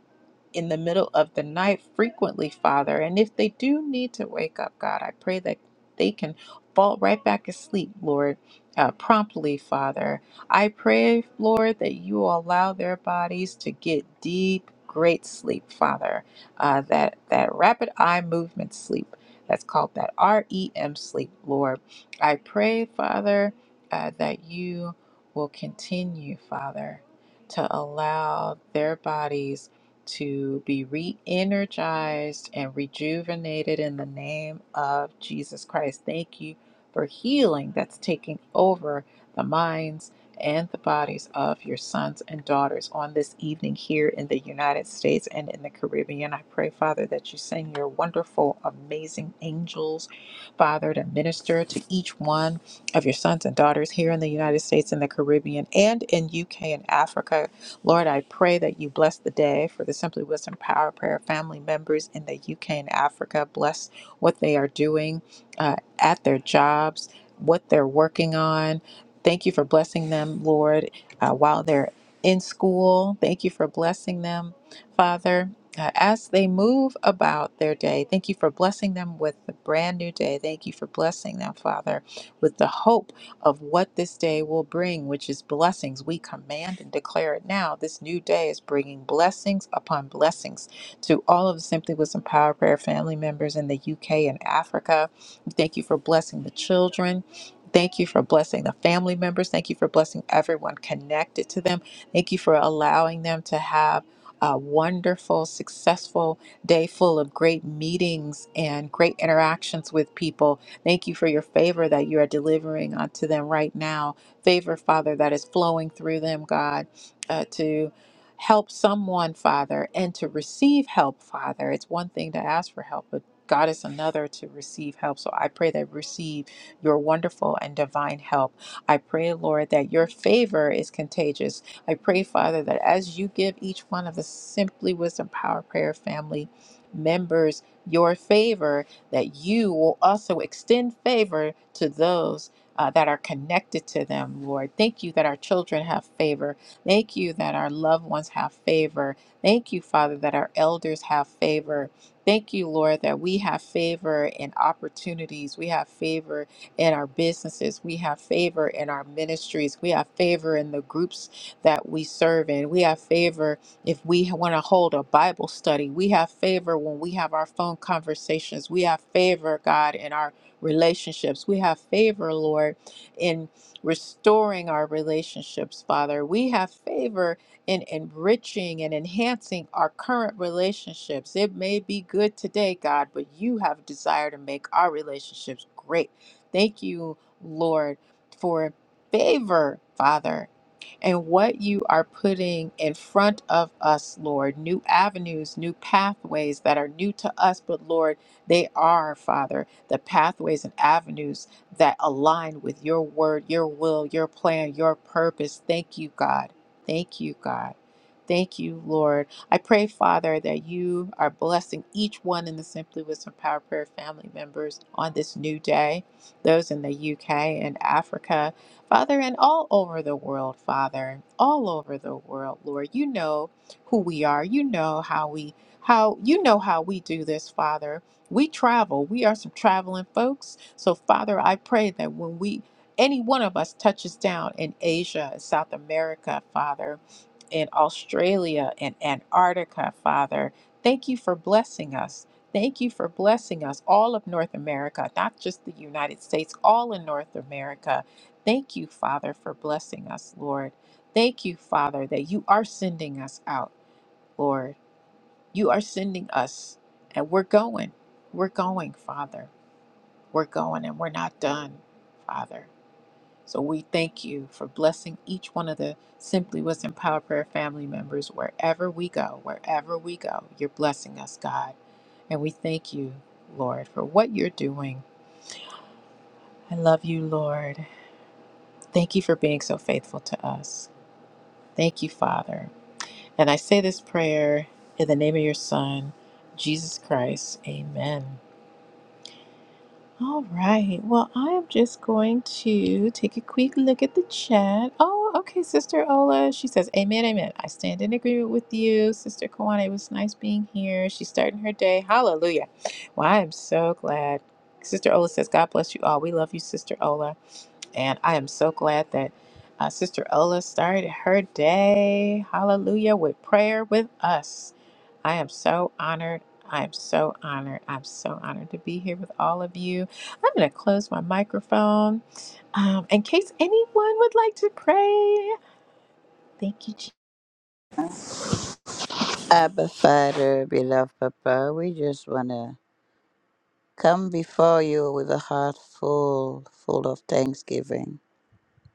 A: in the middle of the night frequently, Father. And if they do need to wake up, God, I pray that they can fall right back asleep, Lord, uh, promptly, Father. I pray, Lord, that you will allow their bodies to get deep, great sleep, Father. Uh, that that rapid eye movement sleep. That's called that REM sleep, Lord. I pray, Father, uh, that you will continue, Father, to allow their bodies to be re energized and rejuvenated in the name of Jesus Christ. Thank you for healing that's taking over the minds and the bodies of your sons and daughters on this evening here in the United States and in the Caribbean. I pray, Father, that you send your wonderful, amazing angels, Father, to minister to each one of your sons and daughters here in the United States and the Caribbean and in UK and Africa. Lord, I pray that you bless the day for the Simply Wisdom Power Prayer family members in the UK and Africa. Bless what they are doing uh, at their jobs. What they're working on, Thank you for blessing them, Lord, uh, while they're in school. Thank you for blessing them, Father. Uh, as they move about their day, thank you for blessing them with the brand new day. Thank you for blessing them, Father, with the hope of what this day will bring, which is blessings. We command and declare it now. This new day is bringing blessings upon blessings to all of the Simply Wisdom Power Prayer family members in the UK and Africa. Thank you for blessing the children. Thank you for blessing the family members. Thank you for blessing everyone connected to them. Thank you for allowing them to have a wonderful, successful day full of great meetings and great interactions with people. Thank you for your favor that you are delivering unto them right now. Favor, Father, that is flowing through them, God, uh, to help someone, Father, and to receive help, Father. It's one thing to ask for help, but God is another to receive help. So I pray they receive your wonderful and divine help. I pray, Lord, that your favor is contagious. I pray, Father, that as you give each one of the Simply Wisdom Power Prayer family members your favor, that you will also extend favor to those uh, that are connected to them, Lord. Thank you that our children have favor. Thank you that our loved ones have favor. Thank you, Father, that our elders have favor. Thank you, Lord, that we have favor in opportunities. We have favor in our businesses. We have favor in our ministries. We have favor in the groups that we serve in. We have favor if we want to hold a Bible study. We have favor when we have our phone conversations. We have favor, God, in our relationships. We have favor, Lord, in restoring our relationships, Father. We have favor in enriching and enhancing our current relationships. It may be good today, God, but you have a desire to make our relationships great Thank you, Lord, for favor, Father, and what you are putting in front of us, Lord. New avenues, new pathways that are new to us, but Lord, they are, Father, the pathways and avenues that align with your word, your will, your plan, your purpose. Thank you, God. Thank you, God. Thank you, Lord. I pray, Father, that you are blessing each one in the Simply Wisdom Power Prayer family members on this new day those in the UK and Africa, Father, and all over the world, Father, all over the world, Lord. You know who we are. You know how we how you know how we do this, Father. We travel. We are some traveling folks. So, Father, I pray that when we any one of us touches down in Asia, South America, Father, in Australia and Antarctica, Father, thank you for blessing us. Thank you for blessing us, all of North America, not just the United States, all in North America. Thank you, Father, for blessing us, Lord. Thank you, Father, that you are sending us out, Lord. You are sending us, and we're going. We're going, Father. We're going, and we're not done, Father. So we thank you for blessing each one of the Simply Wisdom Power Prayer family members wherever we go, wherever we go. You're blessing us, God. And we thank you, Lord, for what you're doing. I love you, Lord. Thank you for being so faithful to us. Thank you, Father. And I say this prayer in the name of your Son, Jesus Christ. Amen. All right. Well, I am just going to take a quick look at the chat. Oh, okay, Sister Ola. She says, Amen, amen. I stand in agreement with you. Sister Kawana, it was nice being here. She's starting her day. Hallelujah. Well, I am so glad. Sister Ola says, God bless you all. We love you, Sister Ola. And I am so glad that uh, Sister Ola started her day. Hallelujah. With prayer with us. I am so honored. I am so honored. I'm so honored to be here with all of you. I'm going to close my microphone um, in case anyone would like to pray. Thank you. Je-
B: Abba, Father, beloved Papa, we just want to come before you with a heart full, full of thanksgiving.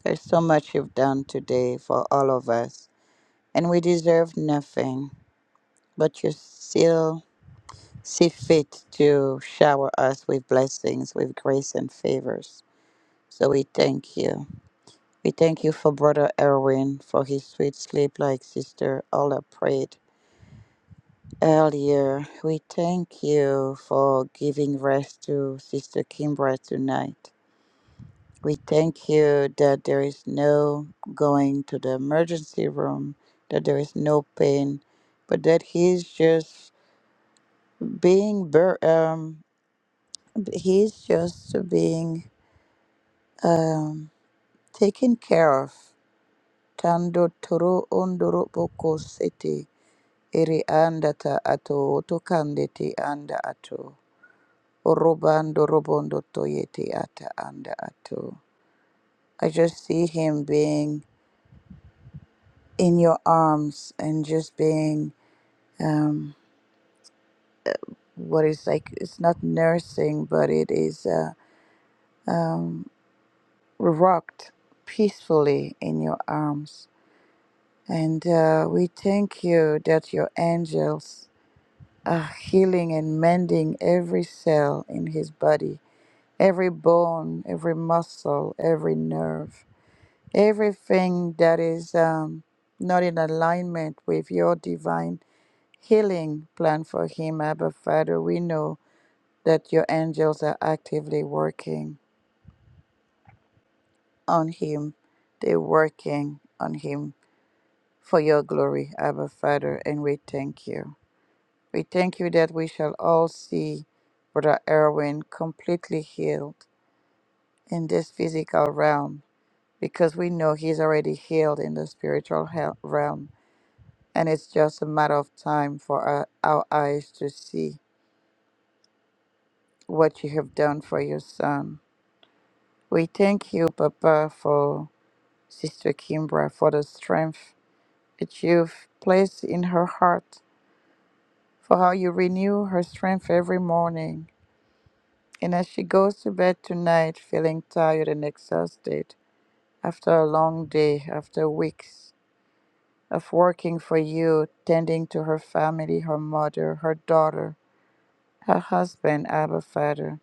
B: There's so much you've done today for all of us, and we deserve nothing, but you're still. see fit to shower us with blessings, with grace and favors. So we thank you. We thank you for Brother Erwin, for his sweet sleep like sister Ola prayed earlier. We thank you for giving rest to Sister Kimbra tonight. We thank you that there is no going to the emergency room, that there is no pain, but that he's just being, bur- um, he's just being um, taken care of. Tando toro ondoro boko sete eri anda andata ato otokandete anda ato. Orobando robondo toyete ata anda ato. I just see him being in your arms and just being um, what is like, it's not nursing, but it is uh, um, rocked peacefully in your arms. And uh, we thank you that your angels uh, healing and mending every cell in his body, every bone, every muscle, every nerve, everything that is um, not in alignment with your divine healing plan for him, Abba Father. We know that your angels are actively working on him, they're working on him for your glory, Abba Father, and we thank you. We thank you that we shall all see Brother Erwin completely healed in this physical realm because we know he's already healed in the spiritual hel- realm. And it's just a matter of time for our, our eyes to see what you have done for your son. We thank you, Papa, for Sister Kimbra, for the strength that you've placed in her heart, for how you renew her strength every morning And as she goes to bed tonight, feeling tired and exhausted after a long day, after weeks of working for you, tending to her family, her mother, her daughter, her husband, Abba Father,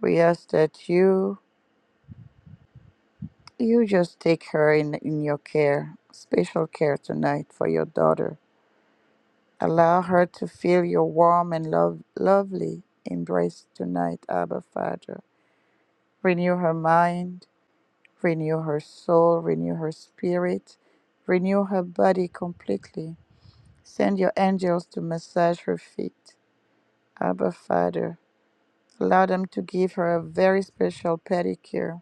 B: we ask that you you just take her in, in your care, special care tonight for your daughter. Allow her to feel your warm and love, lovely embrace tonight, Abba Father. Renew her mind, renew her soul, renew her spirit, renew her body completely. Send your angels to massage her feet. Abba, Father, allow them to give her a very special pedicure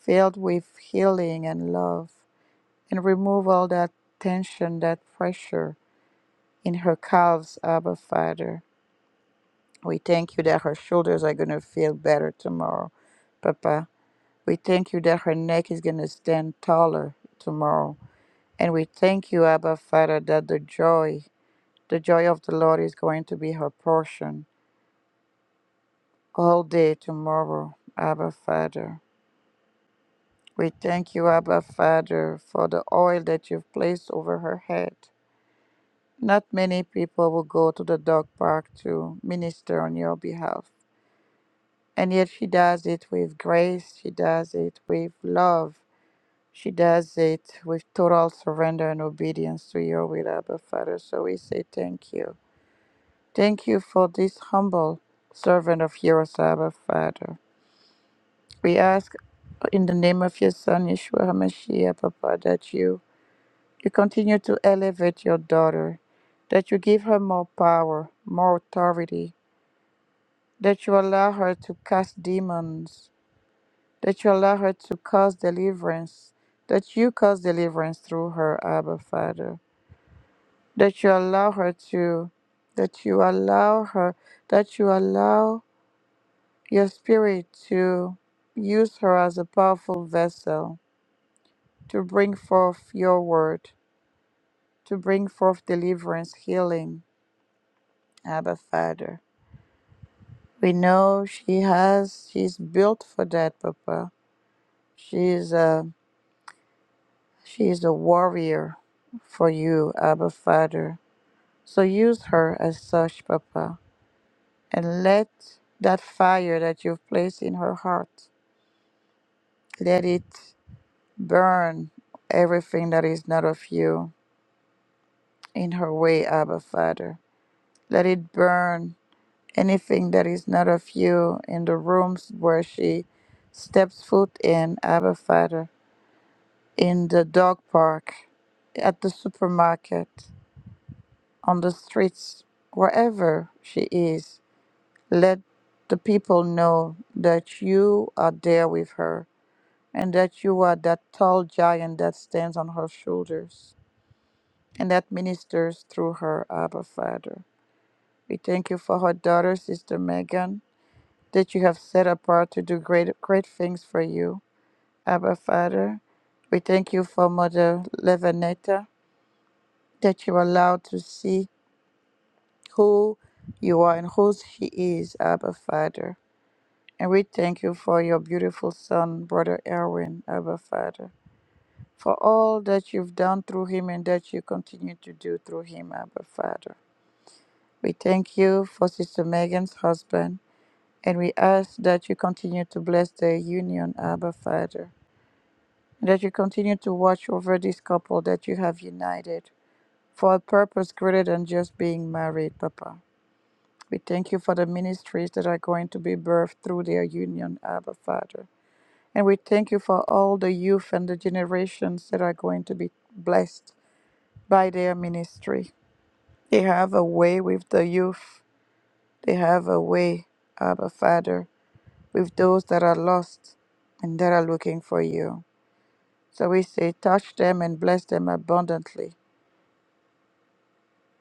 B: filled with healing and love, and remove all that tension, that pressure in her calves, Abba, Father. We thank you that her shoulders are going to feel better tomorrow, Papa. We thank you that her neck is going to stand taller tomorrow. And we thank you, Abba Father, that the joy, the joy of the Lord is going to be her portion all day tomorrow, Abba Father. We thank you, Abba Father, for the oil that you've placed over her head. Not many people will go to the dog park to minister on your behalf. And yet she does it with grace, she does it with love, she does it with total surrender and obedience to your will, Abba Father. So we say thank you. Thank you for this humble servant of yours, Abba Father. We ask in the name of your Son, Yeshua HaMashiach, Papa, that you, you continue to elevate your daughter, that you give her more power, more authority, that you allow her to cast demons, that you allow her to cause deliverance, that you cause deliverance through her, Abba Father, that you allow her to, that you allow her, that you allow your Spirit to use her as a powerful vessel to bring forth your word, to bring forth deliverance, healing, Abba Father. We know she has, she's built for that, Papa. She's a, she's a warrior for you, Abba Father. So use her as such, Papa, and let that fire that you've placed in her heart, let it burn everything that is not of you in her way, Abba Father. Let it burn anything that is not of you in the rooms where she steps foot in, Abba Father, in the dog park, at the supermarket, on the streets, wherever she is. Let the people know that you are there with her and that you are that tall giant that stands on her shoulders and that ministers through her, Abba Father. We thank you for her daughter, Sister Megan, that you have set apart to do great, great things for you, Abba Father. We thank you for Mother Levanetta, that you allow to see who you are and whose she is, Abba Father. And we thank you for your beautiful son, Brother Erwin, Abba Father, for all that you've done through him and that you continue to do through him, Abba Father. We thank you for Sister Megan's husband. And we ask that you continue to bless their union, Abba Father, and that you continue to watch over this couple that you have united for a purpose greater than just being married, Papa. We thank you for the ministries that are going to be birthed through their union, Abba Father. And we thank you for all the youth and the generations that are going to be blessed by their ministry. They have a way with the youth, they have a way, Abba Father. with those that are lost and that are looking for you. So we say, touch them and bless them abundantly.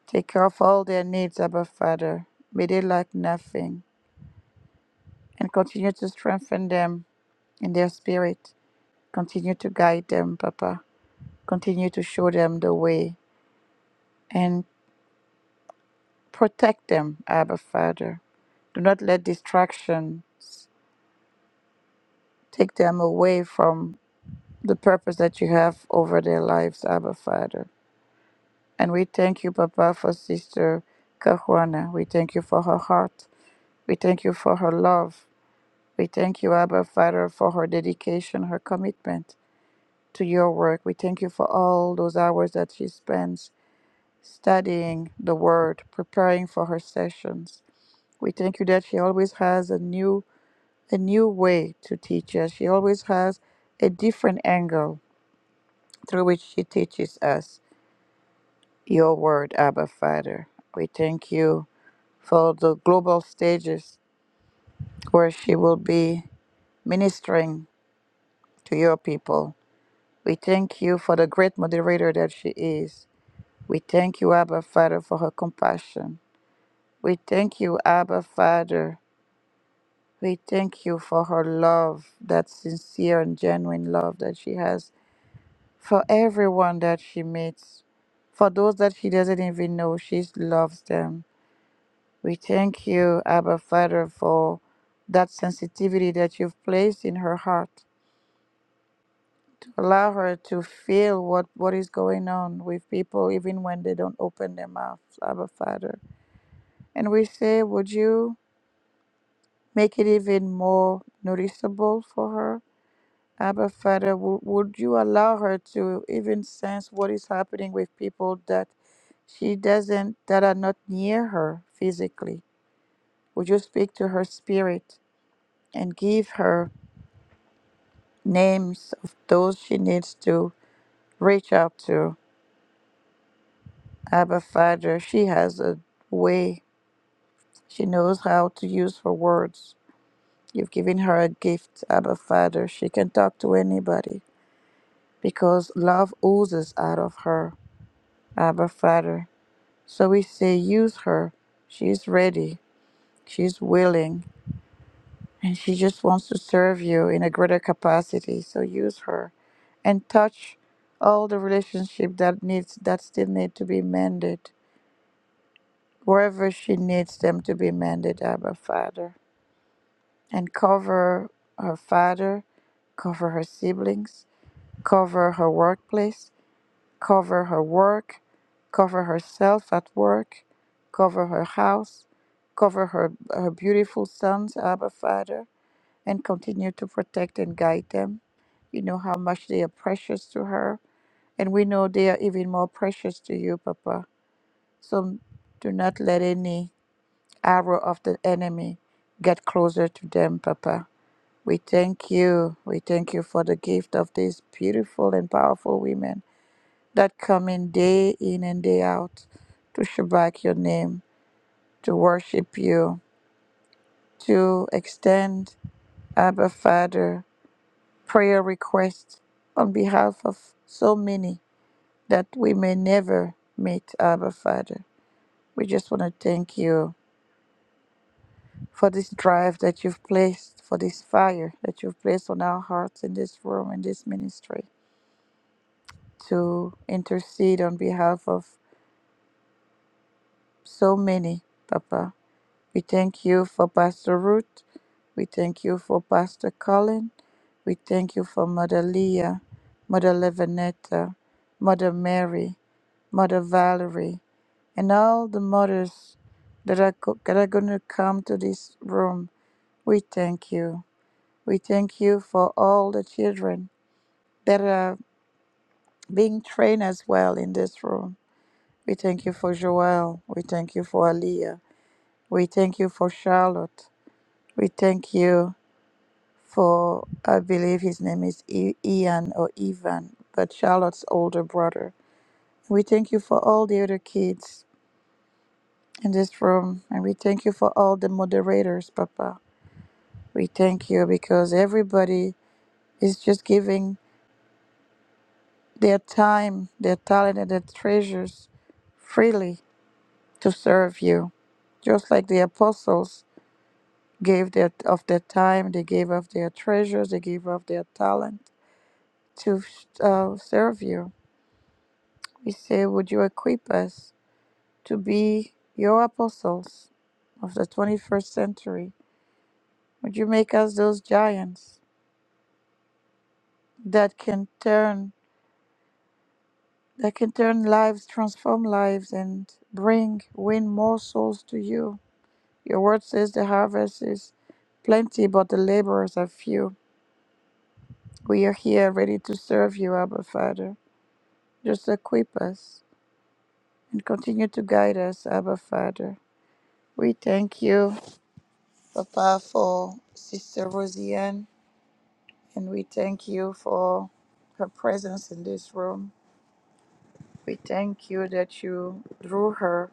B: Take care of all their needs, Abba Father. May they lack nothing and continue to strengthen them in their spirit. Continue to guide them, Papa. Continue to show them the way and protect them, Abba Father. Do not let distractions take them away from the purpose that you have over their lives, Abba Father. And we thank you, Papa, for Sister Kahuana. We thank you for her heart. We thank you for her love. We thank you, Abba Father, for her dedication, her commitment to your work. We thank you for all those hours that she spends studying the word, preparing for her sessions. We thank you that she always has a new a new way to teach us. She always has a different angle through which she teaches us your word, Abba Father. We thank you for the global stages where she will be ministering to your people. We thank you for the great moderator that she is. We thank you, Abba Father, for her compassion. We thank you, Abba Father. We thank you for her love, that sincere and genuine love that she has for everyone that she meets. For those that she doesn't even know, she loves them. We thank you, Abba Father, for that sensitivity that you've placed in her heart to allow her to feel what, what is going on with people, even when they don't open their mouths, Abba Father. And we say, would you make it even more noticeable for her? Abba Father, would, would you allow her to even sense what is happening with people that she doesn't, that are not near her physically? Would you speak to her spirit and give her? names of those she needs to reach out to. Abba Father, she has a way. She knows how to use her words. You've given her a gift, Abba Father. She can talk to anybody because love oozes out of her, Abba Father. So we say, use her. She's ready. She's willing. And she just wants to serve you in a greater capacity. So use her and touch all the relationship that needs that still need to be mended. Wherever she needs them to be mended, Abba Father. And cover her father, cover her siblings, cover her workplace, cover her work, cover herself at work, cover her house, cover her, her beautiful sons, Abba Father and continue to protect and guide them. You know how much they are precious to her, and we know they are even more precious to you, Papa. So do not let any arrow of the enemy get closer to them, Papa. We thank you. We thank you for the gift of these beautiful and powerful women that come in day in and day out to Shabbat your name, to worship you, to extend, Abba Father. prayer requests on behalf of so many that we may never meet, Abba Father. We just want to thank you for this drive that you've placed, for this fire that you've placed on our hearts in this room, in this ministry, to intercede on behalf of so many, Papa. We thank you for Pastor Ruth. We thank you for Pastor Colin. We thank you for Mother Leah, Mother Levinetta, Mother Mary, Mother Valerie, and all the mothers that are, go- that are going to come to this room. We thank you. We thank you for all the children that are being trained as well in this room. We thank you for Joel. We thank you for Aaliyah. We thank you for Charlotte. We thank you for I believe his name is I- Ian or Ivan, but Charlotte's older brother. We thank you for all the other kids in this room, and we thank you for all the moderators, Papa. We thank you because everybody is just giving their time, their talent, and their treasures freely to serve you. Just like the apostles gave their, of their time, they gave of their treasures, they gave of their talent to uh, serve you. We say, Would you equip us to be your apostles of the 21st century? Would you make us those giants that can turn that can turn lives, transform lives, and bring win more souls to you? Your word says the harvest is plenty, but the laborers are few. We are here ready to serve you, Abba Father. Just equip us and continue to guide us, Abba Father. We thank you Papa, for Sister Rosianne, and we thank you for her presence in this room. We thank you that you drew her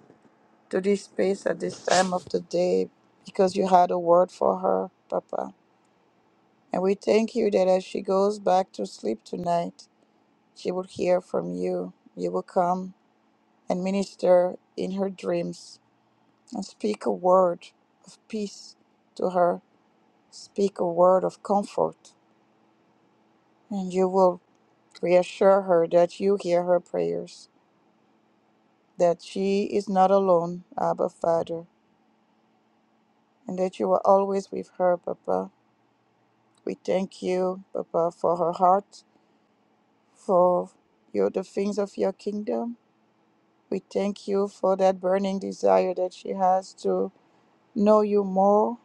B: to this space at this time of the day because you had a word for her, Papa. And we thank you that as she goes back to sleep tonight, she will hear from you. You will come and minister in her dreams and speak a word of peace to her, speak a word of comfort, and you will. Reassure her that you hear her prayers, that she is not alone, Abba Father, and that you are always with her, Papa. We thank you, Papa, for her heart, for your, the things of your kingdom. We thank you for that burning desire that she has to know you more.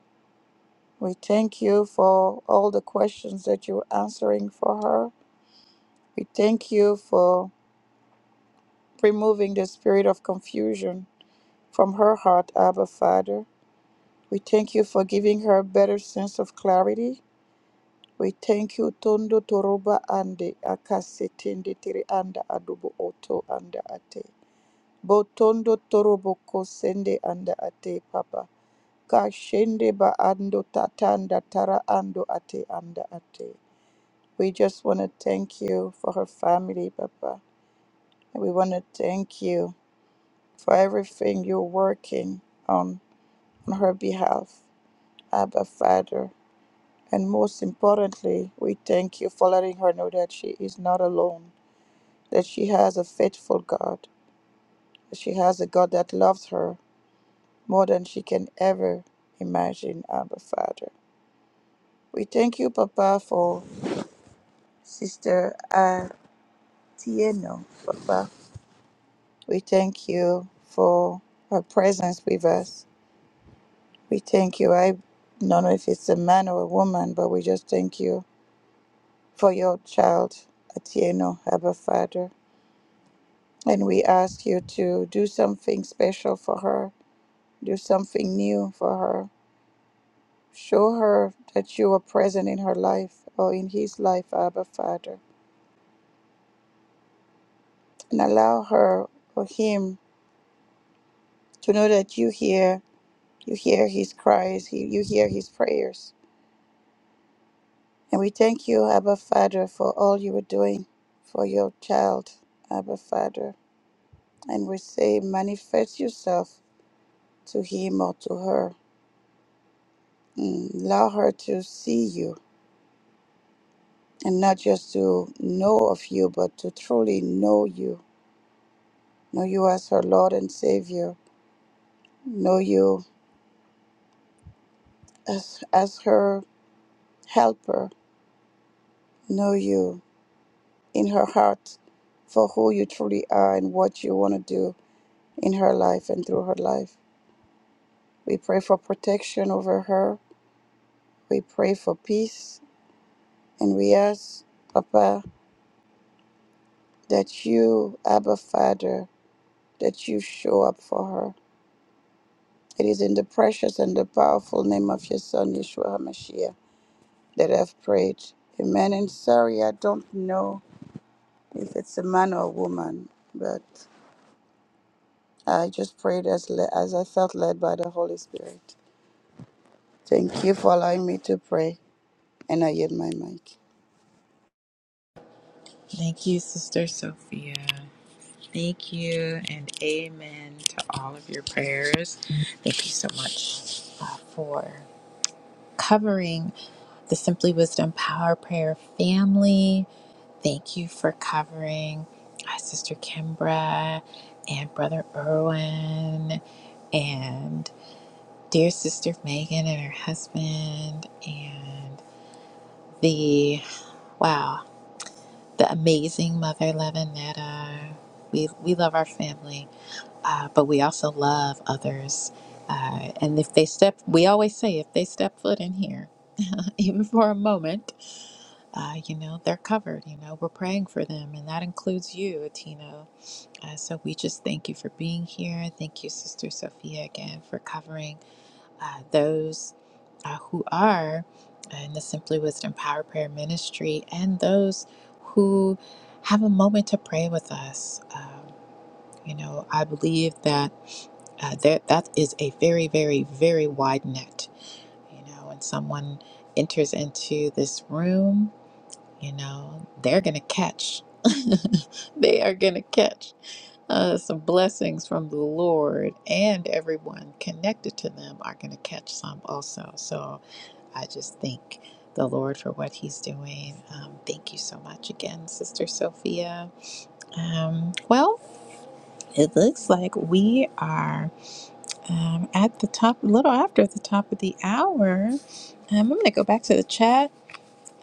B: We thank you for all the questions that you're answering for her. We thank you for removing the spirit of confusion from her heart, Abba Father. We thank you for giving her a better sense of clarity. We thank you, Tondo Toroba Ande, Akasetende Tiri Anda Adubo Oto Anda Ate. Botondo Torobo Kosende Anda Ate, Papa. Kashende Ba Ando Tatanda Tara Ando Ate Anda Ate. We just want to thank you for her family, Papa. And we want to thank you for everything you're working on on her behalf. Abba, Father. And most importantly, we thank you for letting her know that she is not alone, that she has a faithful God, that she has a God that loves her more than she can ever imagine, Abba Father. We thank you, Papa, for Sister Atieno, Papa. We thank you for her presence with us. We thank you. I don't know if it's a man or a woman, but we just thank you for your child, Atieno, Abba Father. And we ask you to do something special for her, do something new for her. Show her that you are present in her life or in his life, Abba Father. And allow her or him to know that you hear, you hear his cries, you you hear his prayers. And we thank you, Abba Father, for all you are doing for your child, Abba Father. And we say, manifest yourself to him or to her. Mm, Allow her to see you and not just to know of you, but to truly know you. Know you as her Lord and Savior. Know you as, as her helper. Know you in her heart for who you truly are and what you want to do in her life and through her life. We pray for protection over her. We pray for peace. And we ask, Papa, that you, Abba Father, that you show up for her It is in the precious and the powerful name of your Son, Yeshua HaMashiach, that I've prayed. Amen. And sorry, I don't know if it's a man or a woman, but I just prayed as, le- as I felt led by the Holy Spirit. Thank you for allowing me to pray, and I yield my mic.
A: Thank you, Sister Sophia. Thank you, and amen to all of your prayers. Thank you so much uh, for covering the Simply Wisdom Power Prayer family. Thank you for covering uh, Sister Kimbra and Brother Erwin and dear Sister Megan and her husband and the wow the amazing Mother Levinetta. We we love our family, uh, but we also love others. Uh, and if they step, we always say if they step foot in here, even for a moment, uh, you know, they're covered. You know, we're praying for them, and that includes you, Atino. Uh, so we just thank you for being here. Thank you, Sister Sophia, again for covering uh, those uh, who are in the Simply Wisdom Power Prayer Ministry and those who have a moment to pray with us. Um, you know, I believe that uh, that that is a very, very, very wide net. You know, when someone enters into this room you know they're gonna catch they are gonna catch uh, some blessings from the lord and everyone connected to them are gonna catch some also so i just thank the lord for what he's doing um, thank you so much again sister sophia um, well it looks like we are um, at the top a little after the top of the hour um, i'm gonna go back to the chat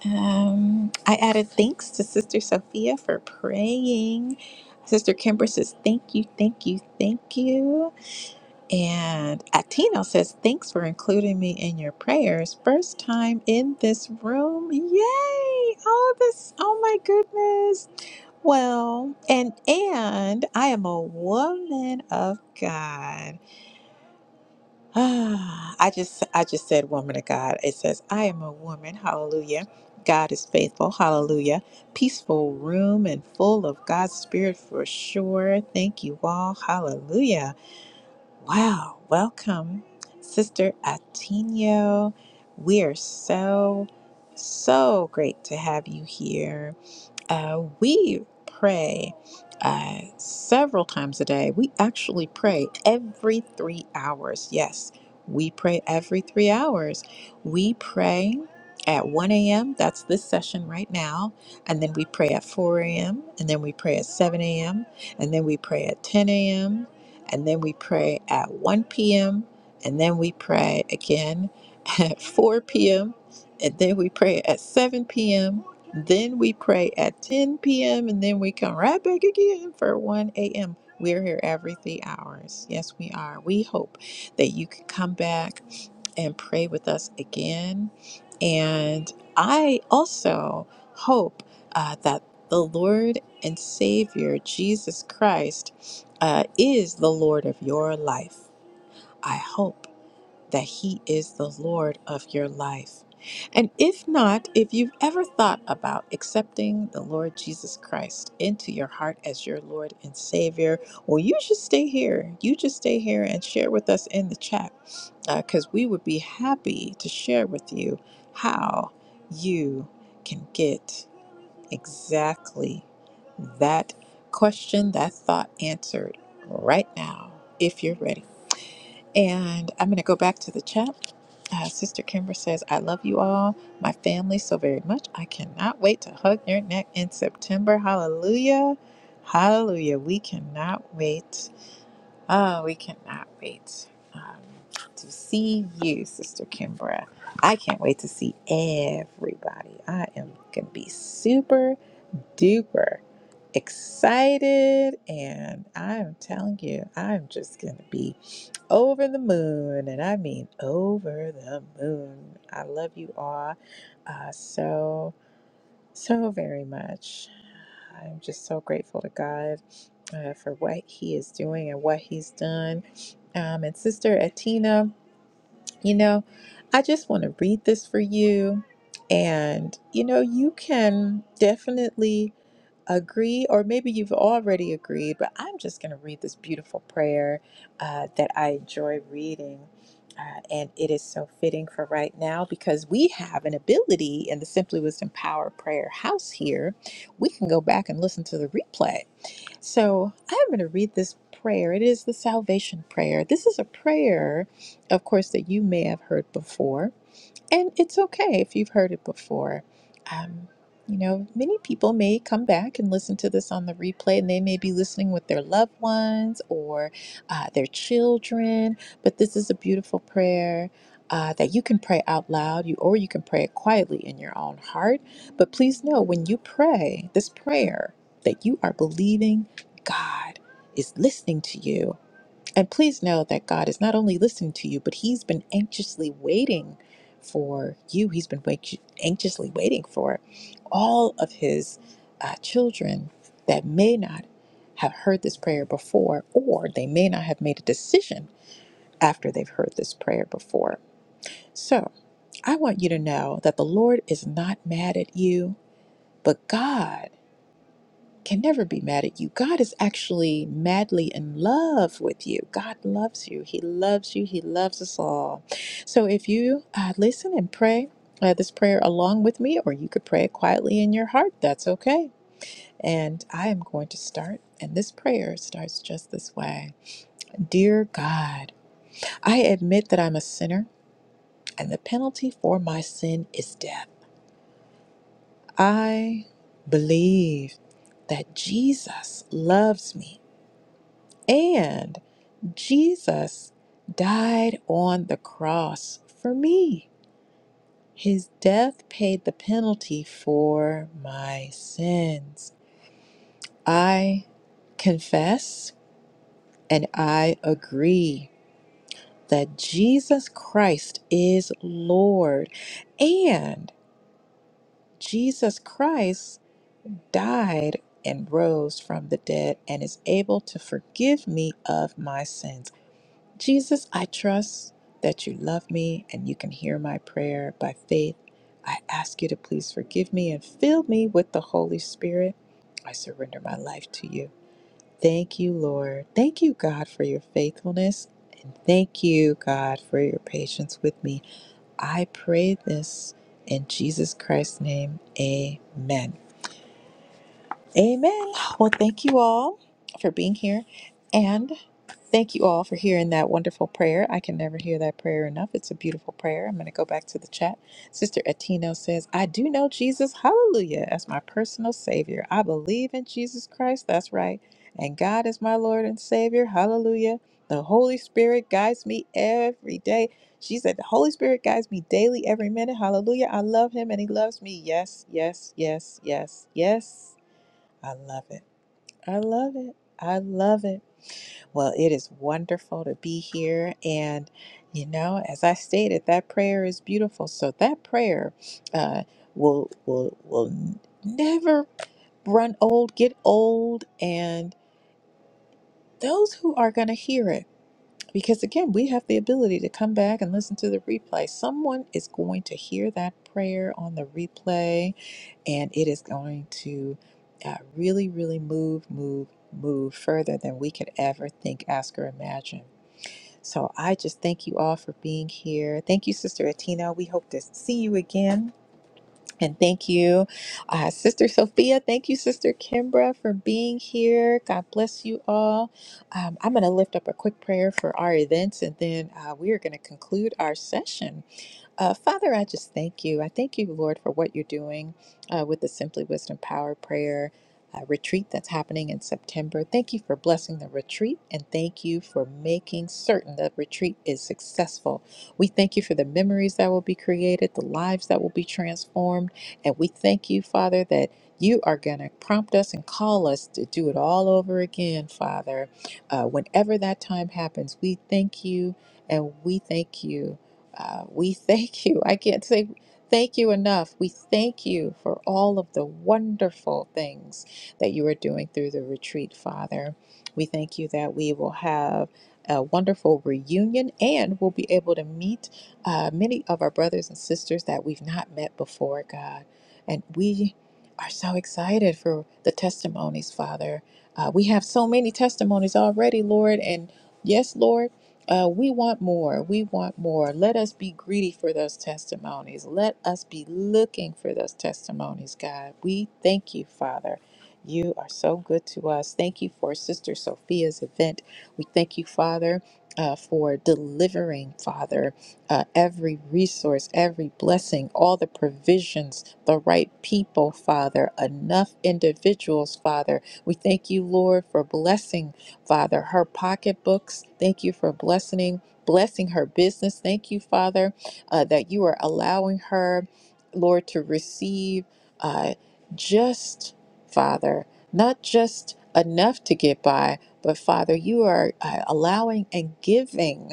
A: um, I added thanks to Sister Sophia for praying. Sister Kimber says, Thank you, thank you, thank you. And Atino says, Thanks for including me in your prayers. First time in this room. Yay! Oh, this, oh my goodness. Well, and, and I am a woman of God. I just I just said woman of God. It says, I am a woman, hallelujah. God is faithful, hallelujah. Peaceful room and full of God's spirit for sure. Thank you all, hallelujah. Wow, welcome, Sister Atino. We are so so great to have you here uh, we pray uh, several times a day. We actually pray every three hours. Yes, we pray every three hours. We pray at 1 a.m. That's this session right now. And then we pray at 4 a.m. And then we pray at 7 a.m. And then we pray at 10 a.m. And then we pray at 1 p.m. And then we pray again at 4 p.m. And then we pray at 7 p.m then we pray at 10 p.m. and then we come right back again for 1 a.m. We're here every three hours. Yes, we are. We hope that you can come back and pray with us again. And I also hope uh, that the Lord and Savior Jesus Christ uh, is the Lord of your life. I hope that He is the Lord of your life. And if not, if you've ever thought about accepting the Lord Jesus Christ into your heart as your Lord and Savior, well, you should stay here. You just stay here and share with us in the chat because we would be happy to share with you how you can get exactly that question, that thought answered right now if you're ready. And I'm going to go back to the chat. Uh, Sister Kimber says, I love you all, my family, so very much. I cannot wait to hug your neck in September. Hallelujah. Hallelujah. We cannot wait. Oh, we cannot wait um, to see you, Sister Kimbra. I can't wait to see everybody. I am going to be super duper excited. And I'm telling you, I'm just going to be over the moon, and I mean over the moon. I love you all uh, so, so very much. I'm just so grateful to God uh, for what He is doing and what He's done. Um, and Sister Atina, you know, I just want to read this for you. And, you know, you can definitely agree, or maybe you've already agreed, but I'm just going to read this beautiful prayer uh, that I enjoy reading. Uh, and it is so fitting for right now because we have an ability in the Simply Wisdom Power Prayer House here. We can go back and listen to the replay. So I'm going to read this prayer. It is the salvation prayer. This is a prayer, of course, that you may have heard before and it's okay if you've heard it before. Um, you know, many people may come back and listen to this on the replay, and they may be listening with their loved ones or uh, their children. But this is a beautiful prayer uh, that you can pray out loud, you or you can pray it quietly in your own heart. But please know, when you pray this prayer, that you are believing God is listening to you and please know that God is not only listening to you, but He's been anxiously waiting for you. He's been wait- anxiously waiting for all of His uh, children that may not have heard this prayer before, or they may not have made a decision after they've heard this prayer before. So I want you to know that the Lord is not mad at you, but God can never be mad at you. God is actually madly in love with you. God loves you. He loves you. He loves us all. So if you uh, listen and pray uh, this prayer along with me, or you could pray it quietly in your heart, that's okay. And I am going to start, and this prayer starts just this way Dear God, I admit that I'm a sinner, and the penalty for my sin is death. I believe that Jesus loves me And Jesus died on the cross for me. His death paid the penalty for my sins. I confess and I agree that Jesus Christ is Lord and Jesus Christ died and rose from the dead and is able to forgive me of my sins. Jesus, I trust that you love me and you can hear my prayer by faith. I ask you to please forgive me and fill me with the Holy Spirit. I surrender my life to you. Thank you, Lord. Thank you, God, for your faithfulness. And thank you, God, for your patience with me. I pray this in Jesus Christ's name. Amen. Amen. Well, thank you all for being here. and. Thank you all for hearing that wonderful prayer. I can never hear that prayer enough. It's a beautiful prayer. I'm going to go back to the chat. Sister Etino says, I do know Jesus, hallelujah, as my personal Savior. I believe in Jesus Christ, that's right. And God is my Lord and Savior, hallelujah. The Holy Spirit guides me every day. She said, The Holy Spirit guides me daily, every minute, hallelujah. I love Him and He loves me. Yes, yes, yes, yes, yes. I love it. I love it. I love it. Well, it is wonderful to be here. And, you know, as I stated, that prayer is beautiful. So that prayer uh, will, will, will never run old, get old, and those who are going to hear it, because again, we have the ability to come back and listen to the replay. Someone is going to hear that prayer on the replay, and it is going to uh, really, really move, move, move further than we could ever think, ask, or imagine. So I just thank you all for being here. Thank you, Sister Atina. We hope to see you again. And thank you, uh, Sister Sophia. Thank you, Sister Kimbra, for being here. God bless you all. Um, I'm going to lift up a quick prayer for our events, and then uh, we are going to conclude our session. Uh, Father, I just thank you. I thank you, Lord, for what you're doing uh, with the Simply Wisdom Power Prayer uh, retreat that's happening in September. Thank you for blessing the retreat and thank you for making certain the retreat is successful. We thank you for the memories that will be created, the lives that will be transformed, and we thank you, Father, that you are going to prompt us and call us to do it all over again, Father. Uh, whenever that time happens, we thank you and we thank you. Uh, we thank you. I can't say thank you enough. We thank you for all of the wonderful things that you are doing through the retreat, Father. We thank you that we will have a wonderful reunion and we'll be able to meet uh, many of our brothers and sisters that we've not met before, God. And we are so excited for the testimonies, Father. Uh, we have so many testimonies already, Lord, and Yes, Lord. Uh, we want more. We want more. Let us be greedy for those testimonies. Let us be looking for those testimonies, God. We thank you, Father. You are so good to us. Thank you for Sister Sophia's event. We thank you, Father. Uh, for delivering, Father, uh, every resource, every blessing, all the provisions, the right people, Father, enough individuals, Father. We thank you, Lord, for blessing Father, her pocketbooks. Thank you for blessing blessing her business. Thank you, Father, uh, that you are allowing her, Lord, to receive uh, just, Father, not just enough to get by, but Father, you are uh, allowing and giving.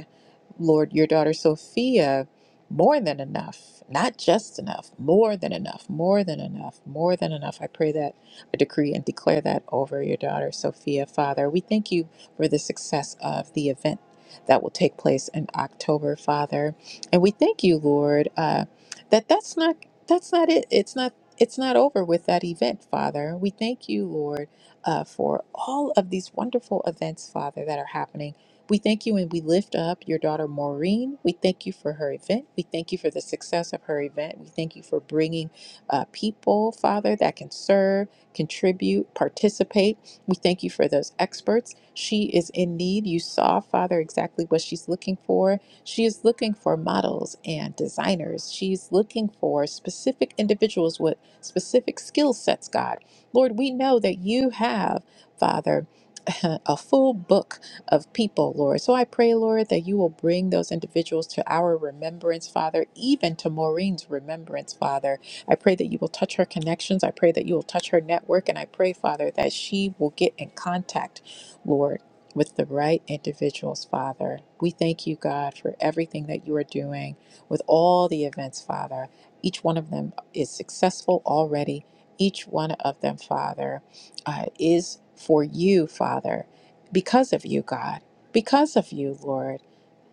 A: Lord, your daughter Sophia more than enough, not just enough, more than enough, more than enough, more than enough. I pray that, I decree and declare that over your daughter Sophia, Father. We thank you for the success of the event that will take place in October, Father. And we thank you, Lord, uh, that that's not that's not it. It's not it's not over with that event, Father. We thank you, Lord, uh, for all of these wonderful events, Father, that are happening we thank you and we lift up your daughter Maureen. We thank you for her event. We thank you for the success of her event. We thank you for bringing uh, people, Father, that can serve, contribute, participate. We thank you for those experts. She is in need. You saw, Father, exactly what she's looking for. She is looking for models and designers. She's looking for specific individuals with specific skill sets, God. Lord, we know that you have, Father, a full book of people, Lord. So I pray, Lord, that you will bring those individuals to our remembrance, Father, even to Maureen's remembrance, Father. I pray that you will touch her connections. I pray that you will touch her network. And I pray, Father, that she will get in contact, Lord, with the right individuals, Father. We thank you, God, for everything that you are doing with all the events, Father. Each one of them is successful already. Each one of them, Father, uh, is for you, Father because of you, God, because of you, Lord.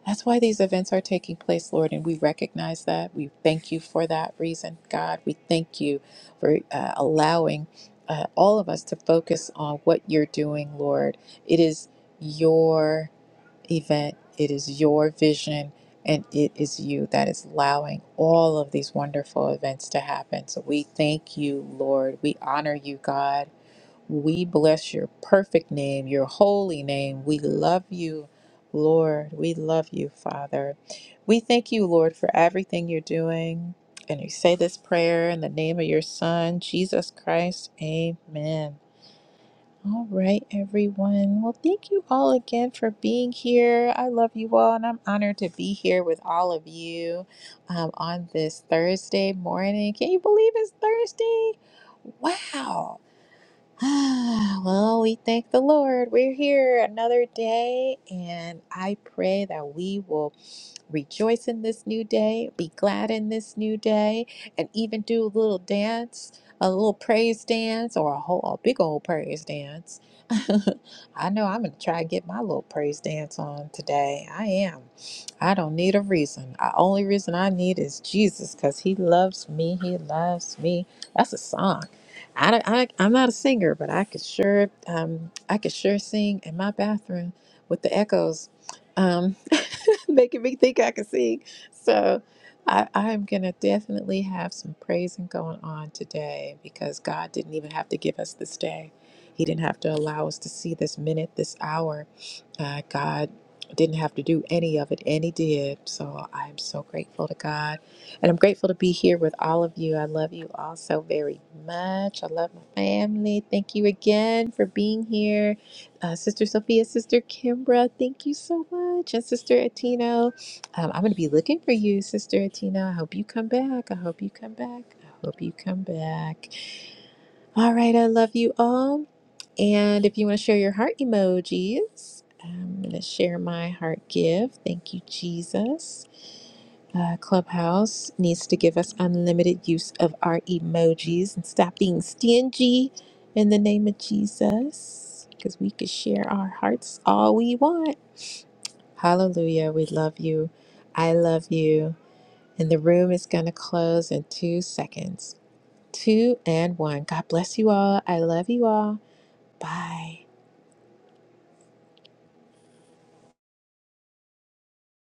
A: That's why these events are taking place, Lord, and we recognize that. We thank you for that reason, God. We thank you for uh, allowing uh, all of us to focus on what you're doing, Lord. It is your event, it is your vision, and it is you that is allowing all of these wonderful events to happen. So we thank you, Lord. We honor you, God. We bless your perfect name, your holy name. We love you, Lord. We love you, Father. We thank you, Lord, for everything you're doing. And we say this prayer in the name of your Son, Jesus Christ. Amen. All right, everyone. Well, thank you all again for being here. I love you all, and I'm honored to be here with all of you um, on this Thursday morning. Can you believe it's Thursday? Wow. well, we thank the Lord. We're here another day, and I pray that we will rejoice in this new day, be glad in this new day, and even do a little dance, a little praise dance, or a whole a big old praise dance. I know I'm gonna try to get my little praise dance on today. I am. I don't need a reason. The only reason I need is Jesus, cause He loves me. He loves me. That's a song. I, don't- I I'm not a singer, but I could sure um I could sure sing in my bathroom with the echoes. Um, making me think I can sing. So I, I'm going to definitely have some praising going on today because God didn't even have to give us this day. He didn't have to allow us to see this minute, this hour. Uh, God didn't have to do any of it, and He did. So I'm so grateful to God. And I'm grateful to be here with all of you. I love you all so very much. I love my family. Thank you again for being here. Uh, Sister Sophia, Sister Kimbra, thank you so much. And Sister Atino, um, I'm going to be looking for you, Sister Atino. I hope you come back. I hope you come back. I hope you come back. All right, I love you all. And if you want to share your heart emojis, I'm going to share my heart give. Thank you, Jesus. Uh, Clubhouse needs to give us unlimited use of our emojis and stop being stingy in the name of Jesus because we could share our hearts all we want. Hallelujah. We love you. I love you. And the room is going to close in two seconds. Two and one. God bless you all. I love you all. Bye.